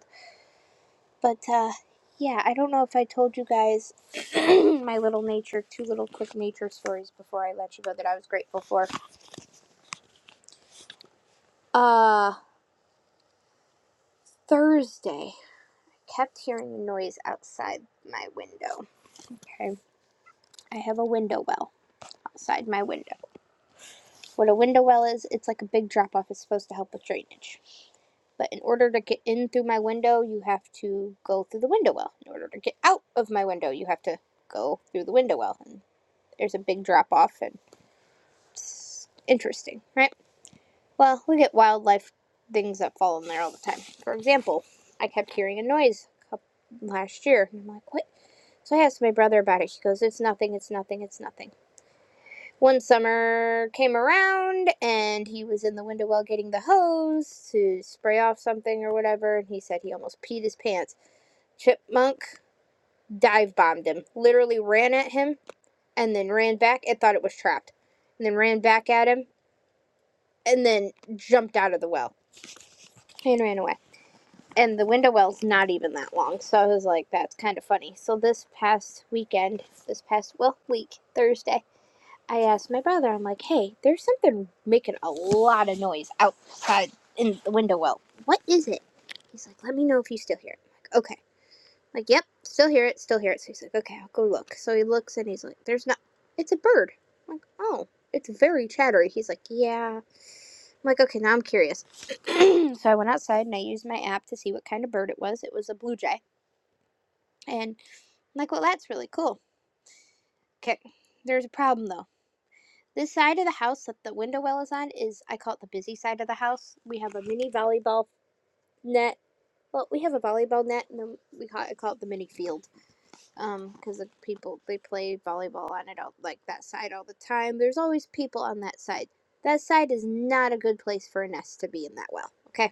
Speaker 6: But uh, yeah, I don't know if I told you guys [CLEARS THROAT] my little nature, two little quick nature stories before I let you go that I was grateful for. Uh, Thursday, kept hearing a noise outside my window. Okay, I have a window well outside my window. What a window well is, it's like a big drop off. It's supposed to help with drainage. But in order to get in through my window, you have to go through the window well. In order to get out of my window, you have to go through the window well. And there's a big drop off, and It's Interesting, right? Well, we get wildlife things that fall in there all the time. For example, I kept hearing a noise last year, and I'm like, what? So I asked my brother about it. He goes, it's nothing, it's nothing, it's nothing. One summer came around, and he was in the window well getting the hose to spray off something or whatever, and he said he almost peed his pants. Chipmunk dive bombed him, literally ran at him, and then ran back and thought it was trapped, and then ran back at him, and then jumped out of the well and ran away. And the window well's not even that long, so I was like, that's kind of funny. So this past weekend, this past well week Thursday, I asked my brother, I'm like, hey, there's something making a lot of noise outside in the window well. What is it? He's like, let me know if you still hear it. I'm like, okay. I'm like, yep, still hear it, still hear it. So he's like, okay, I'll go look. So he looks and he's like, there's not. It's a bird. I'm like, oh, it's very chattery. He's like, yeah. I'm like, okay, now I'm curious. [CLEARS THROAT] so I went outside and I used my app to see what kind of bird it was. It was a blue jay. And I'm like, well, that's really cool. Okay, there's a problem though. This side of the house that the window well is on is, I call it the busy side of the house. We have a mini volleyball net. Well, we have a volleyball net, and then we call, it, I call it the mini field, um, because the people they play volleyball on it all like that side all the time. There's always people on that side. That side is not a good place for a nest to be in that well. Okay,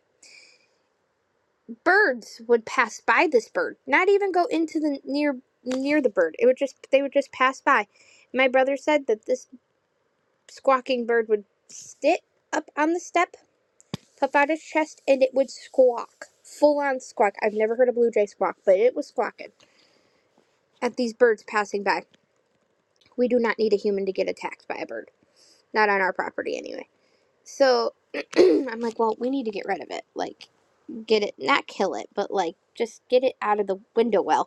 Speaker 6: birds would pass by this bird, not even go into the near near the bird. It would just they would just pass by. My brother said that this squawking bird would sit up on the step, puff out its chest, and it would squawk. Full on squawk. I've never heard a blue jay squawk, but it was squawking at these birds passing by. We do not need a human to get attacked by a bird. Not on our property anyway. So [CLEARS THROAT] I'm like, well, we need to get rid of it. Like, get it, not kill it, but like, just get it out of the window well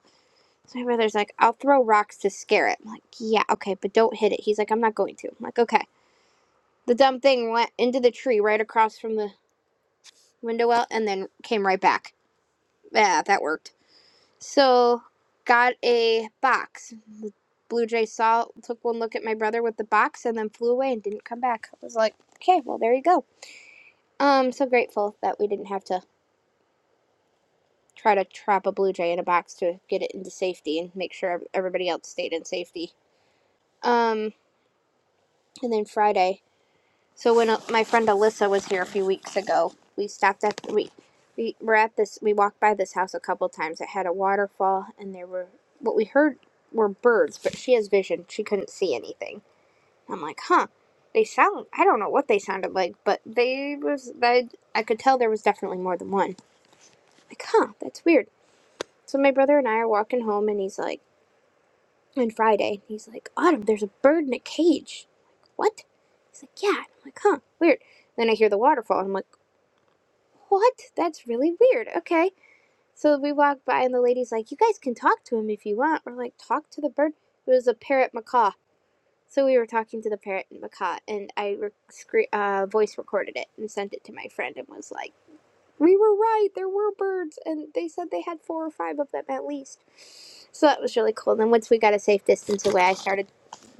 Speaker 6: So my brother's like, I'll throw rocks to scare it. I'm like, yeah, okay, but don't hit it. He's like, I'm not going to. I'm like, okay. The dumb thing went into the tree right across from the window well and then came right back. Yeah, that worked. So got a box. The blue jay saw took one look at my brother with the box and then flew away and didn't come back. I was like, okay, well there you go. I'm um, so grateful that we didn't have to try to trap a blue jay in a box to get it into safety and make sure everybody else stayed in safety. Um, and then Friday So when uh, my friend Alyssa was here a few weeks ago, we stopped at we we were at this we walked by this house a couple times. It had a waterfall and there were what we heard were birds, but she has vision. She couldn't see anything. I'm like, "Huh. They sound I don't know what they sounded like, but they was I I could tell there was definitely more than one." Like, "Huh, that's weird." So my brother and I are walking home and he's like, on Friday, he's like, "Autumn, there's a bird in a cage." What? He's like, "Yeah." I'm like, "Huh, weird." Then I hear the waterfall and I'm like, What? That's really weird. Okay. So we walk by, and the lady's like, You guys can talk to him if you want. We're like, Talk to the bird? It was a parrot macaw. So we were talking to the parrot and macaw, and I rec- scre- uh, voice recorded it and sent it to my friend and was like, We were right. There were birds, and they said they had four or five of them at least. So that was really cool. And then once we got a safe distance away, I started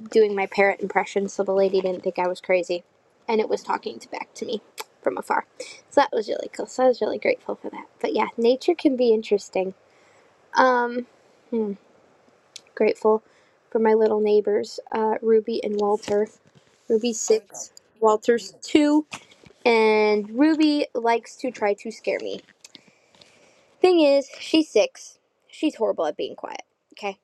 Speaker 6: doing my parrot impression so the lady didn't think I was crazy. And it was talking to back to me from afar. So that was really cool. So I was really grateful for that. But yeah, nature can be interesting. Grateful for my little neighbors, uh, Ruby and Walter. Ruby's six, Walter's two, and Ruby likes to try to scare me. Thing is, she's six. She's horrible at being quiet. Okay.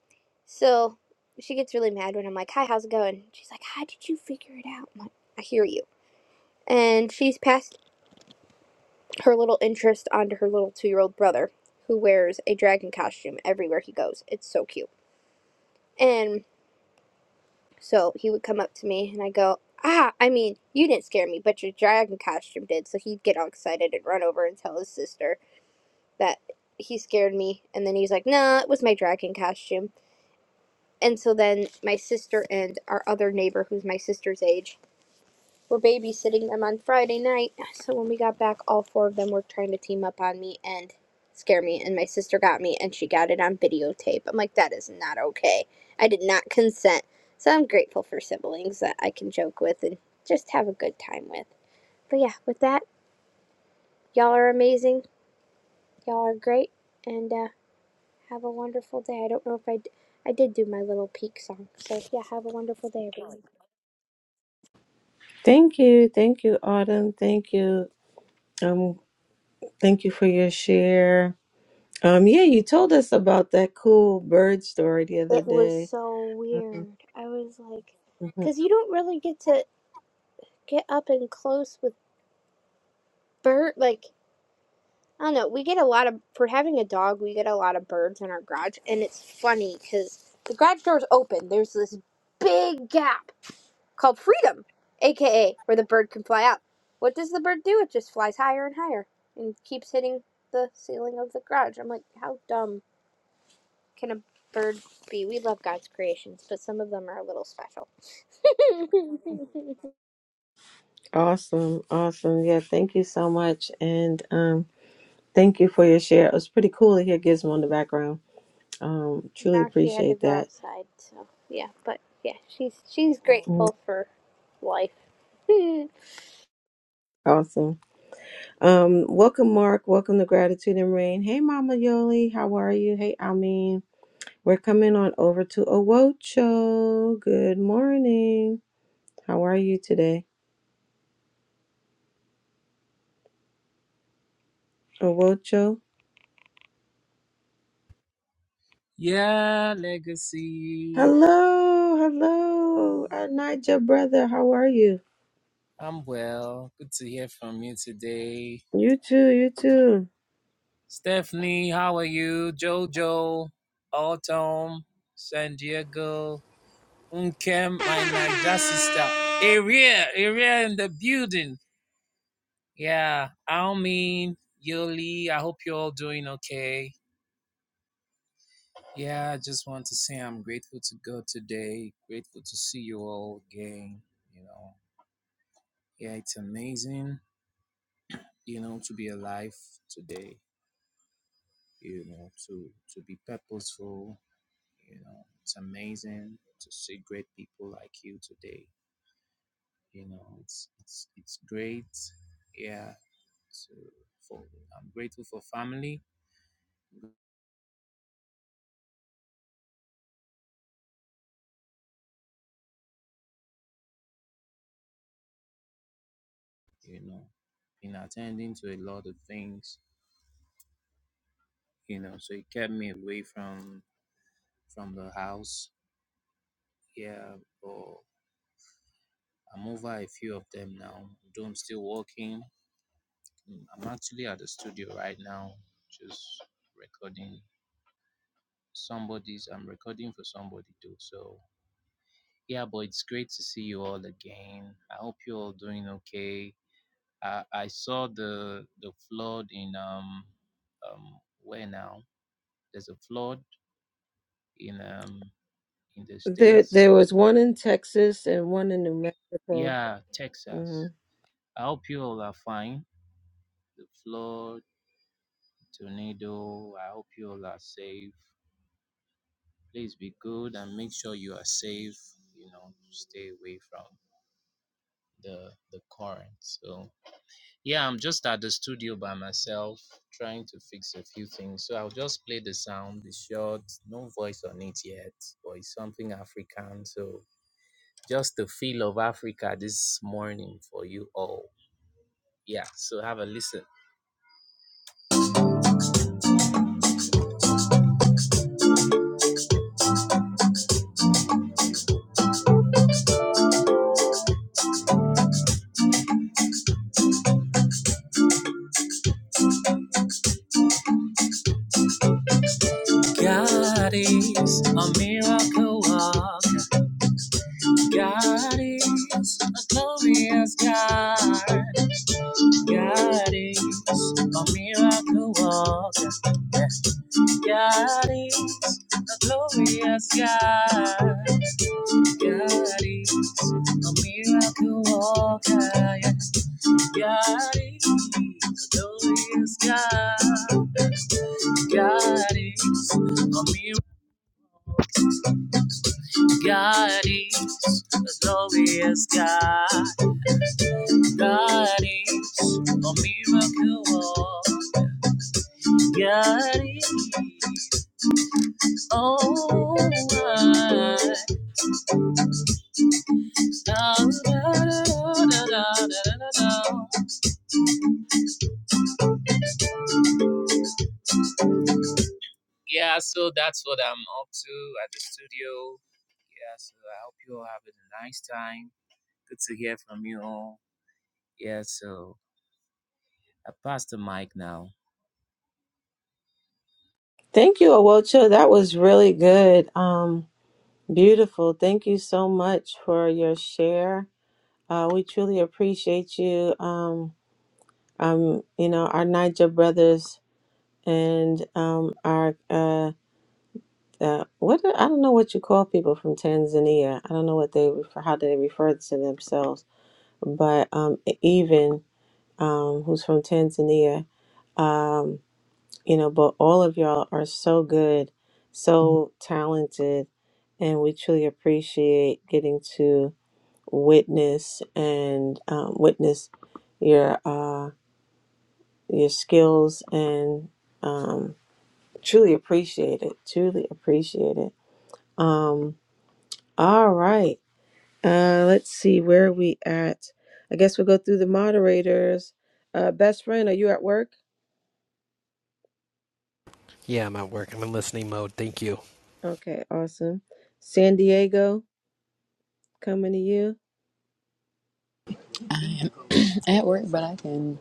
Speaker 6: So she gets really mad when I'm like, Hi, how's it going? She's like, How did you figure it out? I'm like, I hear you and she's past her little interest onto her little two year old brother, who wears a dragon costume everywhere he goes. It's so cute. And so he would come up to me and I go, Ah, I mean, you didn't scare me, but your dragon costume did. So he'd get all excited and run over and tell his sister that he scared me. And then he's like, Nah, it was my dragon costume. And so then my sister and our other neighbor, who's my sister's age, were babysitting them on Friday night. So when we got back, all four of them were trying to team up on me and scare me. And my sister got me and she got it on videotape. I'm like, that is not okay. I did not consent. So I'm grateful for siblings that I can joke with and just have a good time with. But yeah, with that, y'all are amazing. Y'all are great. And uh, have a wonderful day. I don't know if I, d- I did do my little peak song. So yeah, have a wonderful day, everyone. It was so weird. I was like, because you don't really get to. get up and close with bird like I don't know. We get a lot of for having a dog. We get a lot of birds in our garage, and it's funny because the garage door's open. There's this big gap called freedom, aka where the bird can fly out. What does the bird do? It just flies higher and higher and keeps hitting the ceiling of the garage. I'm like, how dumb can a bird be? We love God's creations, but some of them are a little special. [LAUGHS] now she had to go outside. So yeah, but yeah, she's she's grateful for life. [LAUGHS]
Speaker 10: Lo God, God is a miracle. God is a glorious God. God is a miracle. God is oh my God.
Speaker 8: Yeah, I'm at work. I'm in listening mode. Thank you.
Speaker 11: I am [CLEARS THROAT] at work, but I can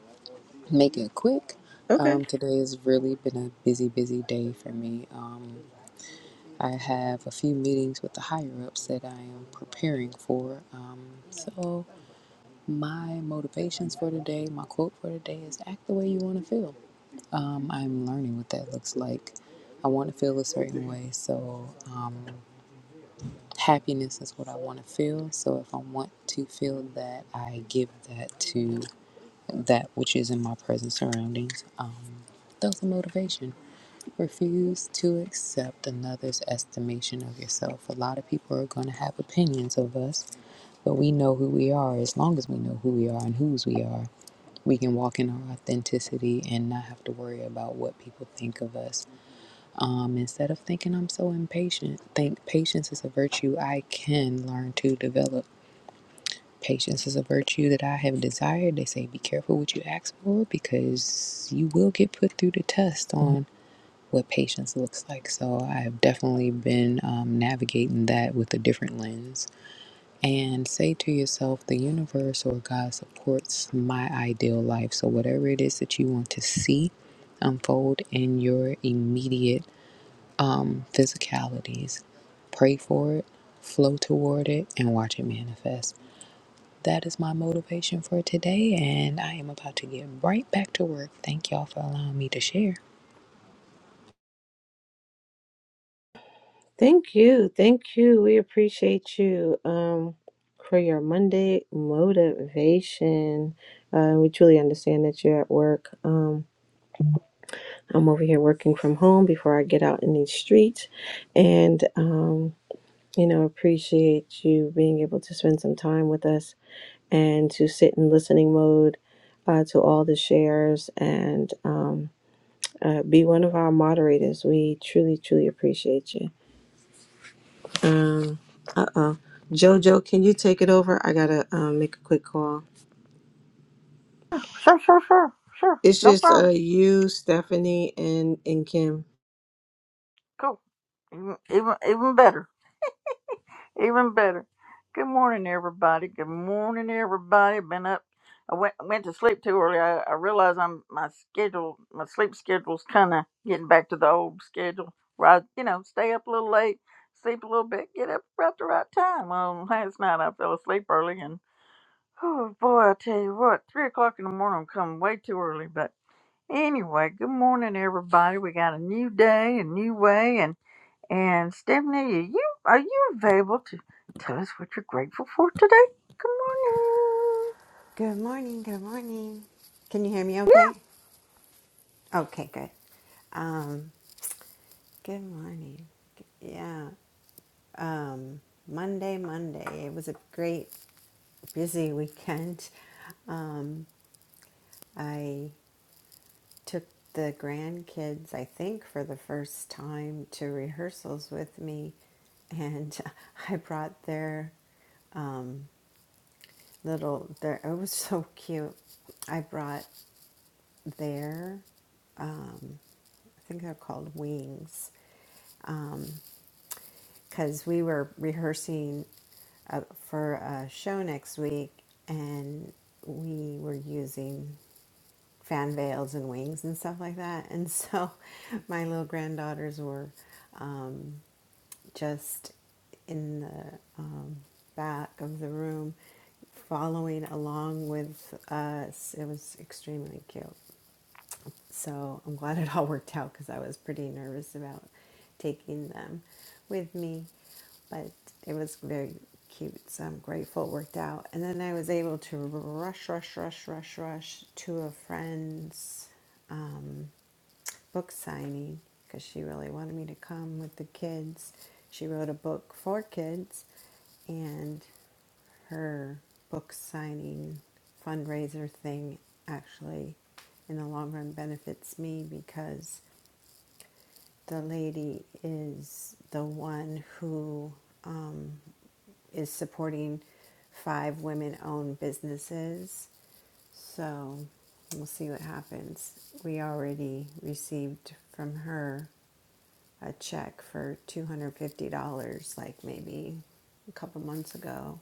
Speaker 11: make it quick. Um, today has really been a busy, busy day for me. Um, I have a few meetings with the higher ups that I am preparing for. Um, so, my motivations for today, my quote for today is act the way you want to feel. Um, I'm learning what that looks like. I want to feel a certain way, so um, Happiness is what I want to feel. So if I want to feel that, I give that to that which is in my present surroundings. Um, that's a motivation. Refuse to accept another's estimation of yourself. A lot of people are going to have opinions of us, but we know who we are. As long as we know who we are and whose we are, we can walk in our authenticity and not have to worry about what people think of us. Um, instead of thinking I'm so impatient, think patience is a virtue I can learn to develop. Patience is a virtue that I have desired. They say be careful what you ask for because you will get put through the test on what patience looks like. So I have definitely been um, navigating that with a different lens. And say to yourself, the universe or God supports my ideal life. So whatever it is that you want to see unfold in your immediate um, physicalities. Pray for it, flow toward it, and watch it manifest. That is my motivation for today, and I am about to get right back to work. Thank y'all for allowing me to share.
Speaker 7: Sure, sure, sure, sure. No problem. Cool. Even even, even better. Even better. Good morning, everybody. Good morning, everybody. Been up. I went went to sleep too early. I, I realize I'm my schedule, my sleep schedule's kind of getting back to the old schedule. Where I, you know, stay up a little late, sleep a little bit, get up about the right time. Well, last night I fell asleep early, and oh boy, I tell you what, three o'clock in the morning I'm coming way too early. But anyway, good morning, everybody. We got a new day, a new way, and Stephanie, are you are you available to tell us what you're grateful for today? Good morning.
Speaker 12: Good morning, good morning. Can you hear me
Speaker 7: Yeah,
Speaker 12: okay? Okay, good. Um, good morning. Yeah. Um, Monday, Monday. It was a great busy weekend. [LAUGHS] Um, I took the grandkids, I think, for the first time to rehearsals with me [LAUGHS] and I brought their um, little their it was so cute. I brought their, um, I think they're called wings, because um, we were rehearsing uh, for a show next week and we were using fan veils and wings and stuff like that. [LAUGHS] And so my little granddaughters were um, just in the um, back of the room following along with us. It was extremely cute. So I'm glad it all worked out because I was pretty nervous about taking them with me. But it was very cute. So I'm grateful it worked out. And then I was able to rush, rush, rush, rush, rush to a friend's um, book signing because she really wanted me to come with the kids. She wrote a book for kids, and her book signing fundraiser thing actually, in the long run, benefits me because the lady is the one who um, is supporting five women owned businesses. So we'll see what happens. We already received from her a check for $250 like maybe a couple months ago.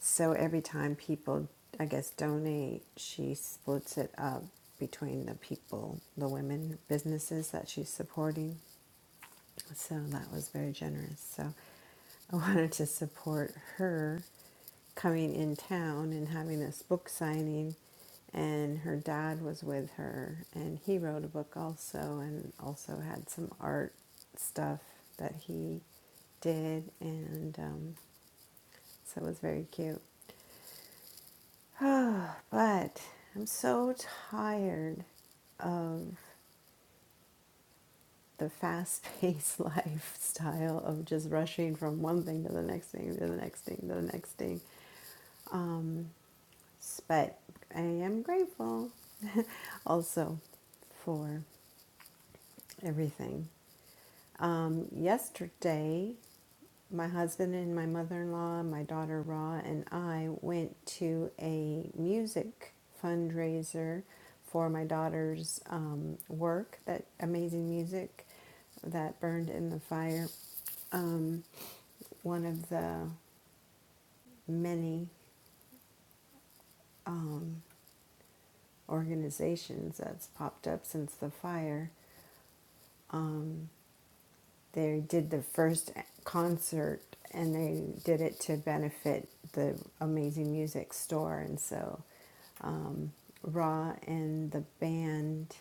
Speaker 12: So every time people, I guess, donate, she splits it up between the people, the women businesses that she's supporting. So that was very generous. So I [LAUGHS] wanted to support her coming in town and having this book signing. And her dad was with her, and he wrote a book also, and also had some art stuff that he did. And um, so it was very cute. [SIGHS] Oh, but I'm so tired. Uh, the fast paced [LAUGHS] lifestyle of just rushing from one thing to the next thing to the next thing to the next thing. Um, but I am grateful also for everything. Um, yesterday, my husband and my mother in law, my daughter Ra, and I went to a music fundraiser for my daughter's um, work, that amazing music that burned in the fire. Um, one of the many organizations that's popped up since the fire. They did the first concert and they did it to benefit the amazing music store. And so um, Raw and the band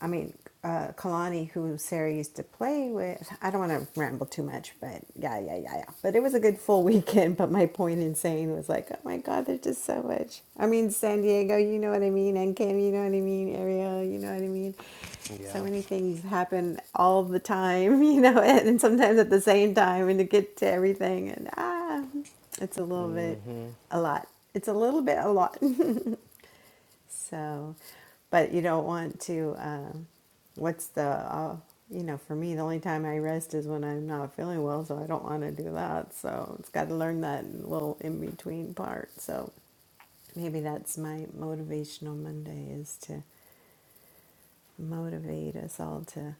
Speaker 12: I mean, uh, Kalani, who Sarah used to play with. I don't want to ramble too much, but yeah, yeah, yeah, yeah. But it was a good full [LAUGHS] weekend. But my point in saying was like, oh my God, there's just so much. I mean, San Diego, you know what I mean, and Kim, you know what I mean, Ariel, you know what I mean.
Speaker 8: Yeah.
Speaker 12: So many things happen all the time, [LAUGHS] you know, and, and sometimes at the same time, and to get to everything, and ah, it's a little bit,
Speaker 8: Mm-hmm.
Speaker 12: a lot. It's a little bit a lot. [LAUGHS] So, but you don't want to. Um, what's the? Uh, you know, for me, the only time I rest is when I'm not feeling well, so I don't want to do that. So it's got to learn that little in between part. So maybe that's my motivational Monday is to motivate us all to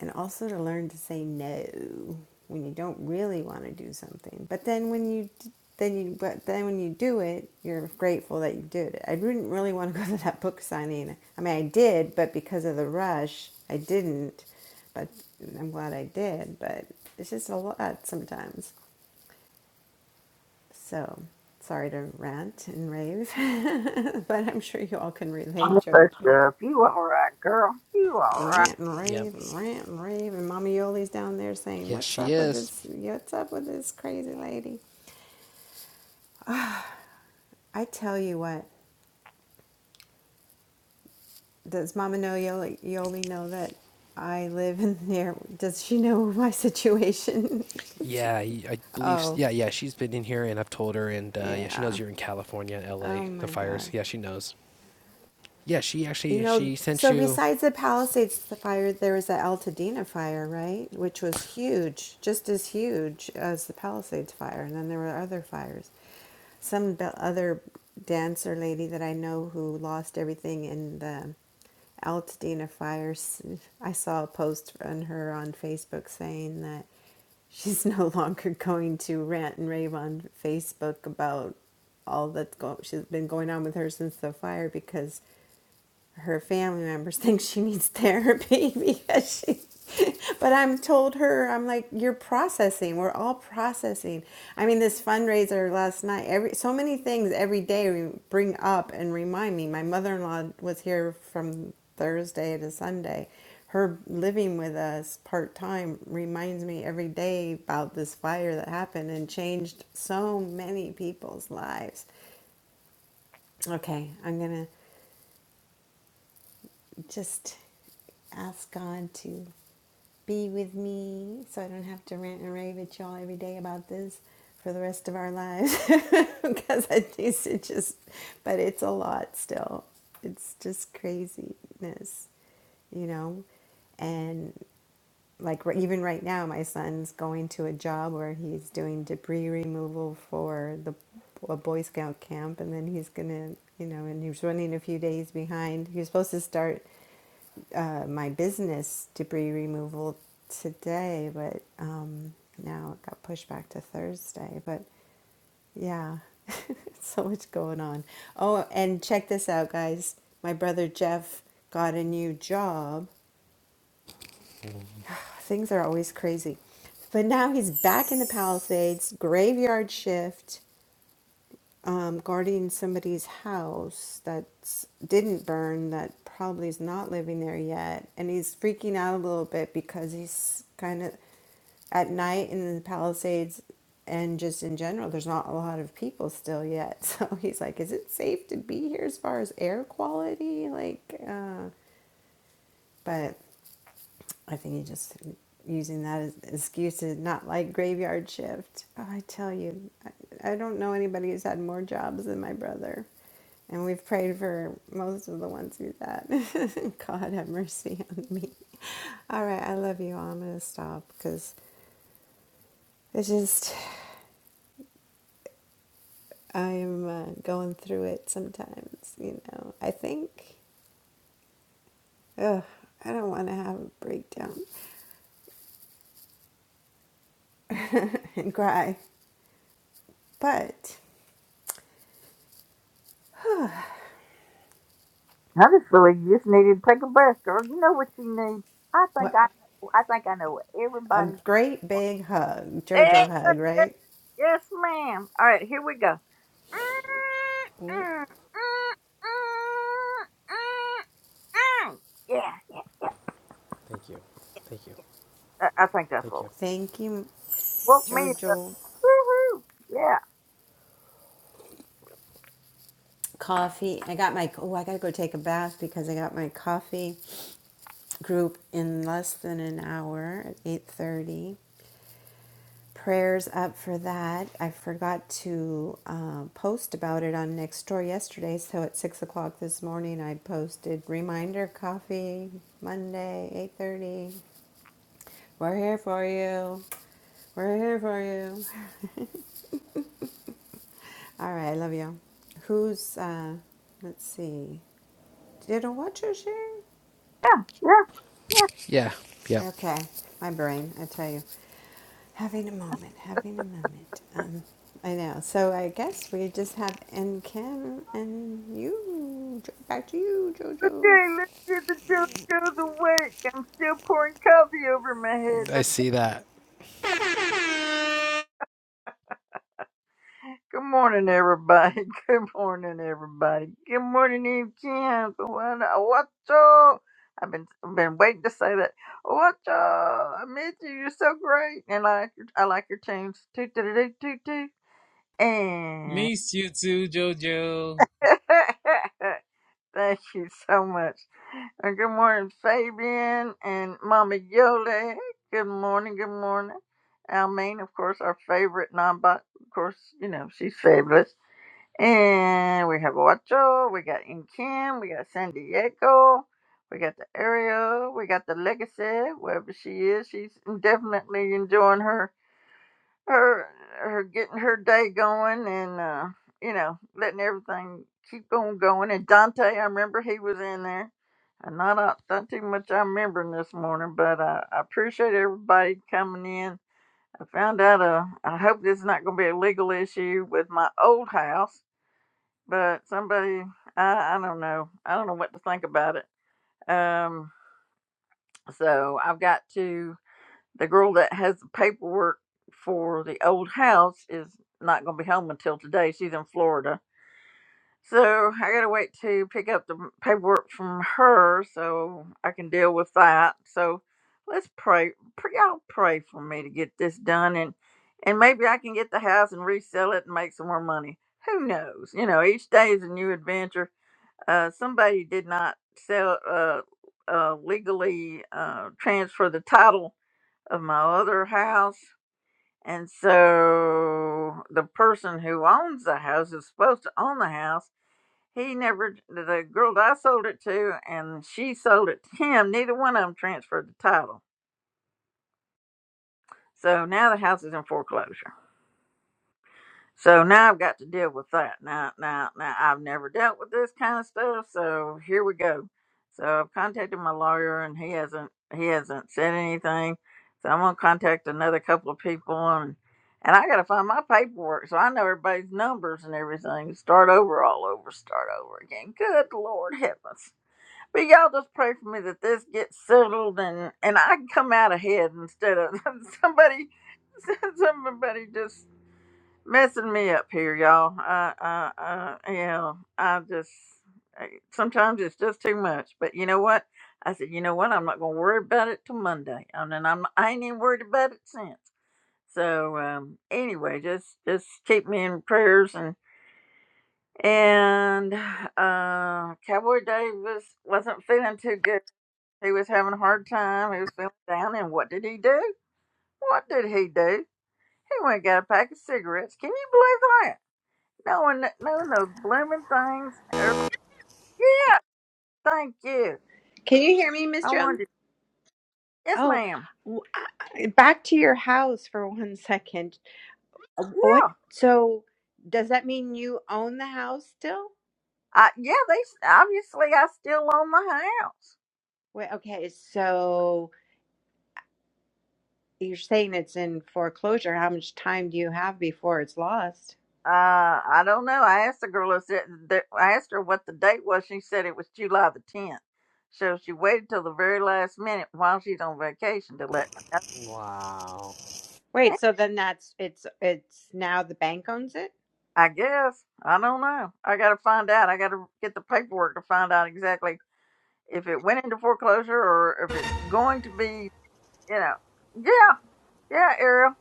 Speaker 12: and also to learn to say no when you don't really want to do something. But then when you then you but then when you do it, you're grateful that you did it. I didn't really want to go [LAUGHS] to that book signing. I mean, I did, but because of the rush, I didn't. But I'm glad I did. But it's just a lot sometimes. So sorry to rant and rave, [LAUGHS] but I'm sure you all can relate,
Speaker 7: I'm first
Speaker 12: Jojo.
Speaker 7: up. You all right, girl? You all right?
Speaker 12: rant and
Speaker 8: Yep.
Speaker 12: rave and rant and rave and Mama Yoli's down there saying,
Speaker 8: Yes,
Speaker 12: What's
Speaker 8: she
Speaker 12: up with
Speaker 8: is.
Speaker 12: this what's up with this crazy lady? I tell you what, does Mama know Yoli, Yoli know that I live in [LAUGHS] there does she know my situation?
Speaker 8: Yeah, I
Speaker 12: [LAUGHS]
Speaker 8: believe.
Speaker 12: oh,
Speaker 8: Yeah, yeah, she's been in here, and I've told her, and uh, yeah, she knows
Speaker 12: yeah.
Speaker 8: you're in California,
Speaker 12: Oh
Speaker 8: L.A. The
Speaker 12: my god.
Speaker 8: fires. Yeah, she knows. Yeah, she
Speaker 12: You
Speaker 8: actually
Speaker 12: know,
Speaker 8: she sent
Speaker 12: so
Speaker 8: you.
Speaker 12: besides the Palisades fire, there was the Altadena fire, right? Which was huge, just as huge as the Palisades fire. And then there were other fires. Some be- other dancer lady that I know who lost everything in the Altadena fire, I saw a post on her on Facebook saying that she's [LAUGHS] no longer going to rant and rave on Facebook about all that's go- she's been going on with her since the fire because her family members [LAUGHS] think she needs therapy [LAUGHS] because she but I'm told her I'm like you're processing we're all processing I mean this fundraiser last night every so many things every day bring up and remind me my mother-in-law was here from Thursday to Sunday her living with us part-time reminds me every day about this fire that happened and changed so many people's lives okay I'm gonna just ask God to be with me so I don't have to rant and rave at y'all every day about this for the rest of our lives [LAUGHS] because I do it just but it's a lot still. It's just craziness, you know. And like even right now my son's going to a job where he's doing debris removal for the a boy scout camp and then he's gonna you know and he was running a few days behind he was supposed to start uh, my business debris removal today but um, now it got pushed back to thursday but yeah, [LAUGHS] so much going on. Oh, and check this out, guys. My brother Jeff got a new job Things are always crazy. But now he's back in the Palisades, graveyard shift, um, guarding somebody's house that didn't burn, that probably is not living there yet. And he's freaking out a little bit because he's kind of at night in the Palisades and just in general, there's not a lot of people still yet. [LAUGHS] So he's like, is it safe to be here as far as air quality? Like, uh, but I think he just using that as as excuse to not like graveyard shift. Oh, I tell you, I, I don't know anybody who's had more jobs than my brother. And we've prayed for most of the ones who's had. [LAUGHS] God have mercy on me. All right, I love you. all. I'm going to stop because it's just, I'm uh, going through it sometimes, you know. I think, ugh, I don't want to have a breakdown and cry. But
Speaker 7: I just feel like you just needed to take a breath, girl. You know what you need. I think
Speaker 12: what
Speaker 7: I I think I know what
Speaker 12: A
Speaker 7: everybody. needs.
Speaker 12: great big hug, JoJo
Speaker 7: Yes,
Speaker 12: hug,
Speaker 7: yes,
Speaker 12: right?
Speaker 7: yes, ma'am. All right, here we go.
Speaker 8: Mm.
Speaker 7: Yeah, yeah.
Speaker 8: Thank you. Thank you.
Speaker 7: I I think that's
Speaker 8: Thank
Speaker 7: what
Speaker 8: you.
Speaker 12: Thank you,
Speaker 7: woke me up.
Speaker 12: JoJo.
Speaker 7: Woohoo! Yeah.
Speaker 12: Coffee. I got my, oh, I gotta go take a bath because I got my coffee group in less than an hour at 8.30. Prayers up for that. I forgot to uh, post about it on next door yesterday, so at 6 o'clock this morning I posted reminder coffee, Monday, 8.30. We're here for you. We're here for you. All right, I love you. Who's, uh, let's see, did a watcher share?
Speaker 7: Yeah, yeah, yeah.
Speaker 8: Yeah. Yep.
Speaker 12: Okay, my brain, I tell you. Having a moment, having a moment. Um, I know. So I guess we just have N Kim and you. Back to you, Jojo.
Speaker 7: Okay, let's get the joke out of the week. I'm still pouring coffee over my head.
Speaker 8: I
Speaker 7: But
Speaker 8: see that.
Speaker 7: good morning, everybody. [LAUGHS] Good morning, everybody. Good morning, Eve Kim. What- What's up? I've been I've been waiting to say that. What's up? I miss you. You're so great, and I like your, I like your tunes. Toot toot toot toot toot. And [LAUGHS] [LAUGHS] Thank you so much. Uh, good morning, Fabian and Mama Yoli. Good morning, good morning. Almaine, of course, our favorite non-bot. Of course, you know, she's fabulous. And we have Ocho, we got Inkin, we got San Diego, we got the Ariel, we got the Legacy, wherever she is. She's definitely enjoying her her her getting her day going and uh you know letting everything keep on going and dante i remember he was in there and not a- not too much i'm remembering this morning but uh, i appreciate everybody coming in i found out uh i hope this is not going to be a legal issue with my old house but somebody i i don't know i don't know what to think about it um so i've got to the girl that has the paperwork for the old house is not going to be home until today. She's in Florida. So I got to wait to pick up the paperwork from her so I can deal with that. So let's pray. pray y'all pray for me to get this done and and maybe I can get the house and resell it and make some more money. Who knows? You know, each day is a new adventure. Uh, somebody did not sell uh, uh, legally uh, transfer the title of my other house. And so the person who owns the house is supposed to own the house. He never, the girl that I sold it to and she sold it to him, neither one of them transferred the title. So now the house is in foreclosure. So now I've got to deal with that. Now, now, now I've never dealt with this kind of stuff. So here we go. So I've contacted my lawyer, and he hasn't he hasn't said anything. So I'm gonna contact another couple of people, and and I gotta find my paperwork so I know everybody's numbers and everything. Start over, all over, start over again. Good Lord heavens! But y'all just pray for me that this gets settled, and and I come out ahead instead of [LAUGHS] somebody [LAUGHS] somebody just messing me up here, y'all. I, I, I, yeah, I just I- sometimes it's just too much. But you know what? I said, you know what? I'm not gonna worry about it till Monday, and then I'm I ain't even worried about it since. So um, anyway, just just keep me in prayers and and uh, Cowboy Davis wasn't feeling too good. He was having a hard time. He was feeling down, and what did he do? What did he do? He went and got a pack of cigarettes. Can you believe that? knowing that knowing those blooming things. Er, Yeah, thank you.
Speaker 12: Can you hear me, Miss
Speaker 7: I
Speaker 12: Joan?
Speaker 7: wanted. Yes,
Speaker 12: Oh,
Speaker 7: ma'am.
Speaker 12: w- I- I- back to your house for one second. Uh, What?
Speaker 7: Yeah,
Speaker 12: So does that mean you own the house still?
Speaker 7: I, yeah. They s- obviously I still own the house.
Speaker 12: Wait, okay, so. you're saying it's in foreclosure. How much time do you have before it's lost?
Speaker 7: Uh, I don't know. I asked the girl. I said that- I asked her what the date was. She said it was July the tenth. So she waited till the very last minute while she's on vacation to let me know.
Speaker 8: Wow.
Speaker 12: Wait, so then that's it's it's now the bank owns it.
Speaker 7: I guess. I don't know. I got to find out. I got to get the paperwork to find out exactly if it went into foreclosure or if it's going to be. You know. Yeah. Yeah, Ariel,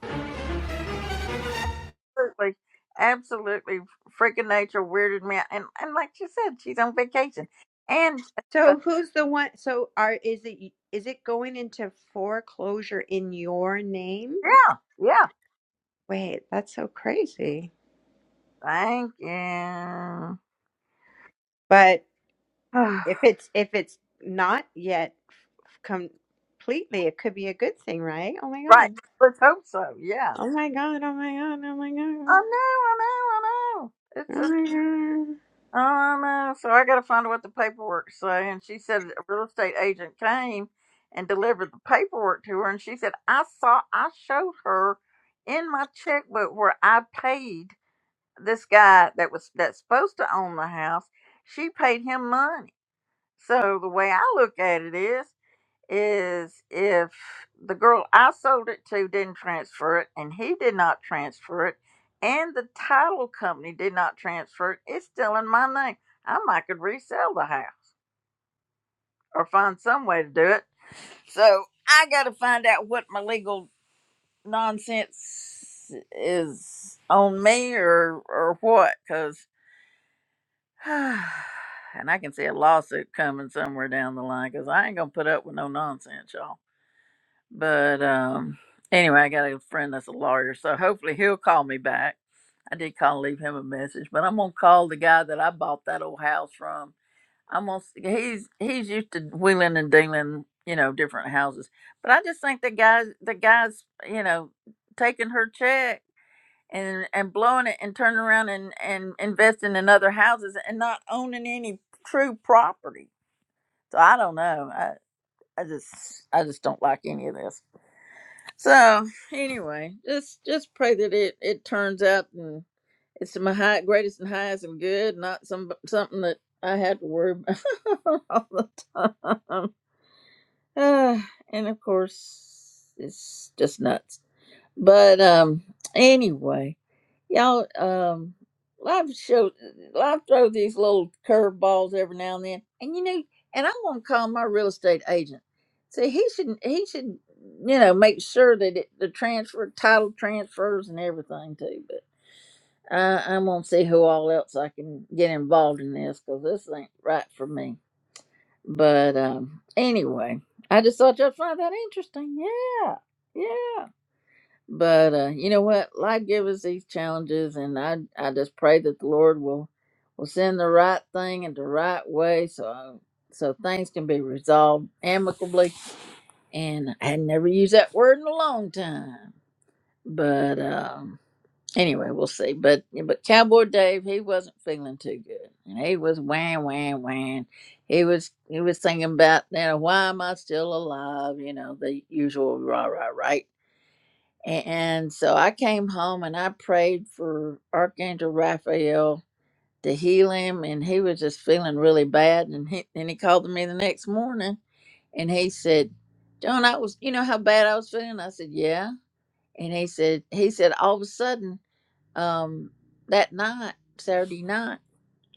Speaker 7: absolutely, absolutely, freaking nature weirded me out. And and like she said, she's on vacation. And uh,
Speaker 12: So who's the one? So are is it is it going into foreclosure in your name?
Speaker 7: yeah, yeah,
Speaker 12: Wait, that's so crazy.
Speaker 7: thank you.
Speaker 12: But
Speaker 7: [SIGHS]
Speaker 12: if it's if it's not yet f- completely, it could be a good thing, right? Oh my
Speaker 7: right,
Speaker 12: god!
Speaker 7: let's hope so. Yeah,
Speaker 12: Oh my god! Oh my god! Oh my
Speaker 7: I
Speaker 12: god!
Speaker 7: know, I know, I know. It's
Speaker 12: Oh
Speaker 7: just.
Speaker 12: my god!
Speaker 7: I know. So I got to find out what the paperwork say. And she said a real estate agent came and delivered the paperwork to her. And she said I saw, I showed her in my checkbook where I paid this guy that was that's supposed to own the house, she paid him money. So the way I look at it is, is if the girl I sold it to didn't transfer it, and he did not transfer it, and the title company did not transfer it, it's still in my name. I might could resell the house or find some way to do it. So I got to find out what my legal nonsense is on me or or what, 'cause [SIGHS] and I can see a lawsuit coming somewhere down the line because I ain't gonna put up with no nonsense, y'all. But um, anyway, I got a friend that's a lawyer, so hopefully he'll call me back. I did call, and leave him a message, but I'm gonna call the guy that I bought that old house from. I'm gonna, s- he's he's used to wheeling and dealing, you know, different houses. But I just think the guy, the guy's, you know, taking her check and and blowing it and turning around and and investing in other houses and not owning any true property. So I don't know. I I just I just don't like any of this. So anyway, just just pray that it it turns out and it's my high greatest and highest and good, not some something that I have to worry about [LAUGHS] all the time. Ah, and of course, it's just nuts. But um, anyway. Y'all, um, life show, life throw these little curveballs every now and then, and you know, and I'm gonna call my real estate agent. See, he should, he should, you know, make sure that it, the transfer, title transfers, and everything too. But I, I'm gonna see who all else I can get involved in this because this ain't right for me. But um, anyway, I just thought y'all find that interesting. Yeah, yeah. But uh, you know what? Life gives us these challenges, and I I just pray that the Lord will will send the right thing in the right way, so um, so things can be resolved amicably. And I had never used that word in a long time, but um, anyway, we'll see. But yeah, but Cowboy Dave, he wasn't feeling too good, and he was wham wham wham. He was he was thinking about you know why am I still alive? You know the usual rah rah right a- And so I came home and I prayed for Archangel Raphael to heal him. And he was just feeling really bad. And he, and he called me the next morning and he said, John, I was, you know how bad I was feeling? I said, yeah. And he said, he said, all of a sudden, um, that night, Saturday night,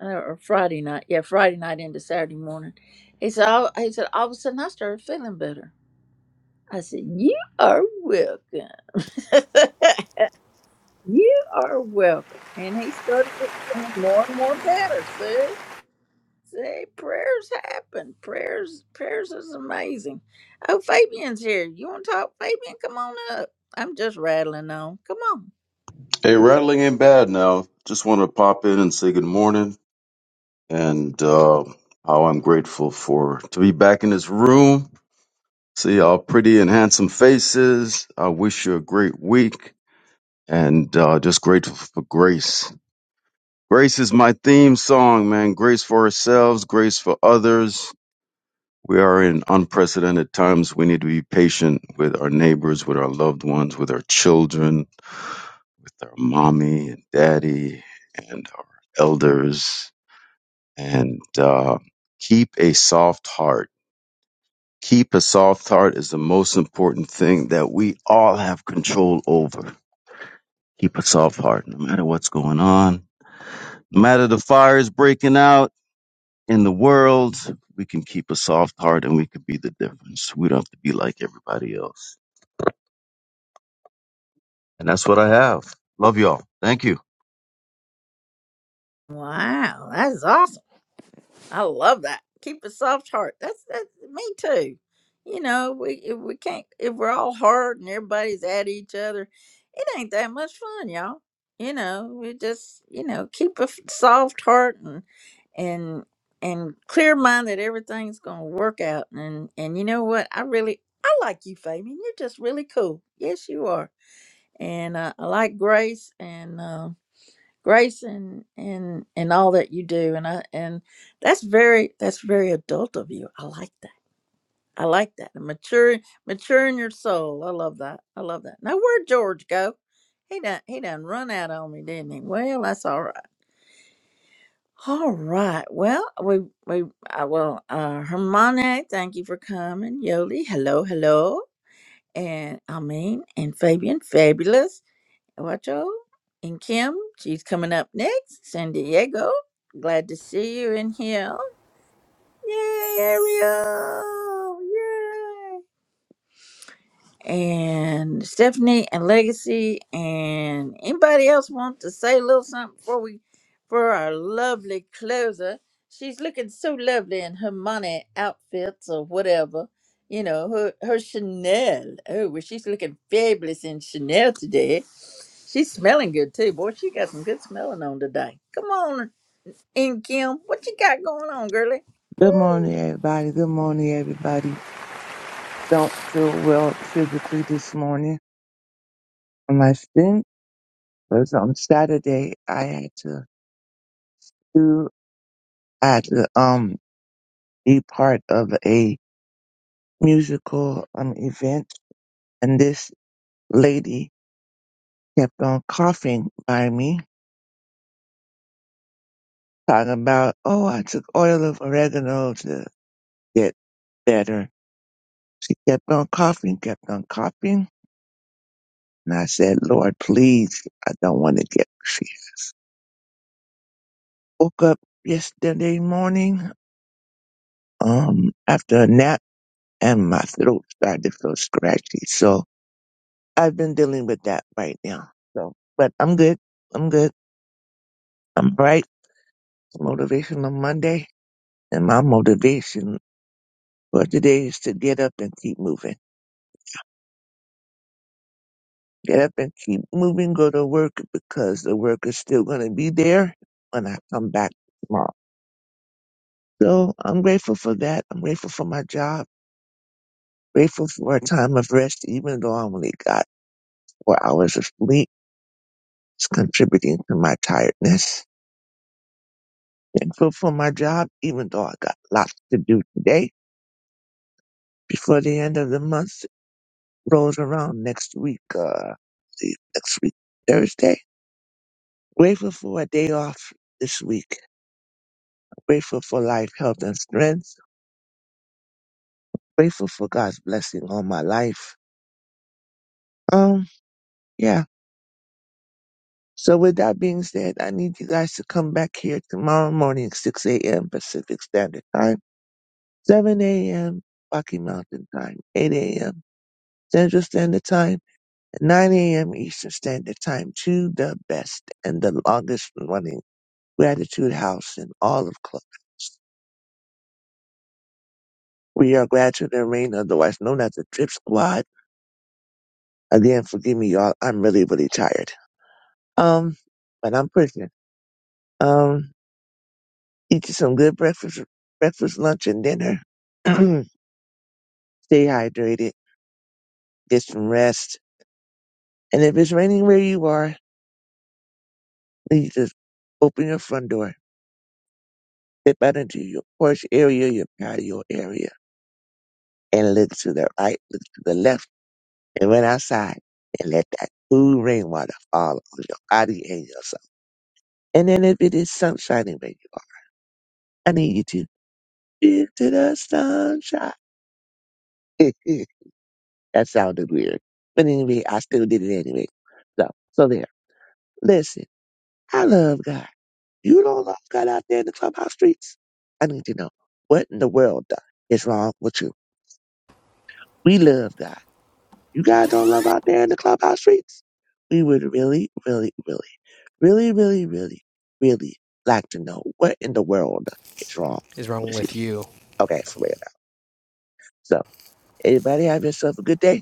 Speaker 7: uh, or Friday night, yeah, Friday night into Saturday morning, he said, all, he said, all of a sudden I started feeling better. I said, you are welcome. [LAUGHS] You are welcome. And he started feeling more and more better. See? See, prayers happen. Prayers prayers is amazing. Oh, Fabian's here. You wanna talk, Fabian? Come on up. I'm just rattling on. Come on.
Speaker 13: Hey, rattling ain't bad now. Just want to pop in and say good morning and uh, how I'm grateful for to be back in this room. See all pretty and handsome faces. I wish you a great week and uh, just grateful for grace. Grace is my theme song, man. Grace for ourselves, grace for others. We are in unprecedented times. We need to be patient with our neighbors, with our loved ones, with our children with our mommy and daddy and our elders and uh, keep a soft heart. Keep a soft heart is the most important thing that we all have control over. Keep a soft heart no matter what's going on, no matter the fires breaking out in the world. We can keep a soft heart and we can be the difference. We don't have to be like everybody else. And that's what I have. Love y'all. Thank you.
Speaker 7: Wow, that's awesome. I love that. Keep a soft heart. That's that's me too. You know, we if we can't if we're all hard and everybody's at each other, it ain't that much fun, y'all. You know, we just you know keep a f- soft heart and and and clear mind that everything's gonna work out. And and you know what? I really I like you, Fabian. You're just really cool. Yes, you are. And uh, I like Grace and. Um, grace and and and all that you do and i and that's very that's very adult of you i like that i like that and mature mature in your soul i love that i love that now where'd george go he done he done run out on me didn't he well that's all right all right well we we I, well uh hermione thank you for coming yoli hello hello and amin and fabian fabulous Ocho and Kim. She's coming up next. San Diego. Glad to see you in here. Yay, Ariel. Yay and Stephanie and Legacy and anybody else want to say a little something before we for our lovely closer. She's looking so lovely in her money outfits or whatever. You know, her her Chanel. Oh, well, she's looking fabulous in Chanel today. She's smelling good too. Boy, she got some good smelling on today. Come on in, Kim. What you got going on, girlie?
Speaker 14: Good morning, everybody. Good morning, everybody. Don't feel well physically this morning. My stint was on Saturday. I had to do, I had to, um, be part of a musical, um, event. And this lady kept on coughing by me, talking about, oh, I took oil of oregano to get better. She kept on coughing, kept on coughing. And I said, Lord, please, I don't want to get sick. woke up yesterday morning um after a nap and my throat started to feel scratchy. So I've been dealing with that right now. So but I'm good. I'm good. I'm bright. Motivation on Monday. And my motivation for today is to get up and keep moving. Get up and keep moving, go to work because the work is still gonna be there when I come back tomorrow. So I'm grateful for that. I'm grateful for my job. Grateful for a time of rest, even though I only got four hours of sleep is contributing to my tiredness. Thankful for my job, even though I got lots to do today. Before the end of the month rolls around next week, uh, see, next week, Thursday. Grateful for a day off this week. Grateful for life, health, and strength. Grateful for God's blessing on my life. Um, yeah. So with that being said, I need you guys to come back here tomorrow morning, 6 a.m. Pacific Standard Time 7 a.m. Rocky Mountain Time, 8 a.m. Central Standard Time, and 9 a.m. Eastern Standard Time to the best and the longest running Gratitude House in all of clubs. We are Gratitude and Rain, otherwise known as the Drip Squad. Again, forgive me, y'all. I'm really, really tired. Um, but I'm pushing. Um, eat you some good breakfast, breakfast, lunch, and dinner. [CLEARS THROAT] Stay hydrated. Get some rest. And if it's raining where you are, Then you just open your front door, step out into your porch area, your patio area, and look to the right, look to the left, and run outside and let that cool rainwater fall on your body and yourself. And then if it is sunshining where you are, I need you to into the sunshine. [LAUGHS] that sounded weird. But anyway, I still did it anyway. So, so there. Listen, I love God. You don't love God out there in the clubhouse streets. I need to know what in the world uh, is wrong with you We love God. You guys don't love out there in the clubhouse streets? We would really, really, really, really, really, really, really like to know what in the world is wrong
Speaker 8: Is wrong
Speaker 14: with you.
Speaker 8: with you?
Speaker 14: Okay, for real now. So, everybody have yourself a good day.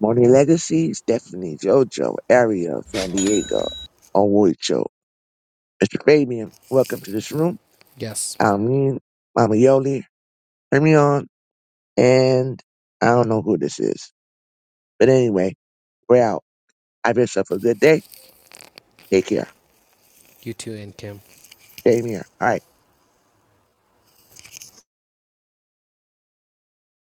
Speaker 14: Morning Legacy, Stephanie, JoJo, Ariel, San Diego, Onwucho, Mr. Fabian, welcome to this room.
Speaker 8: Yes.
Speaker 14: Almin, Mama Yoli, Hermione, and I don't know who this is. But anyway, we're out. Have yourself a good day. Take care.
Speaker 8: You too, and Kim.
Speaker 14: Damien. All right.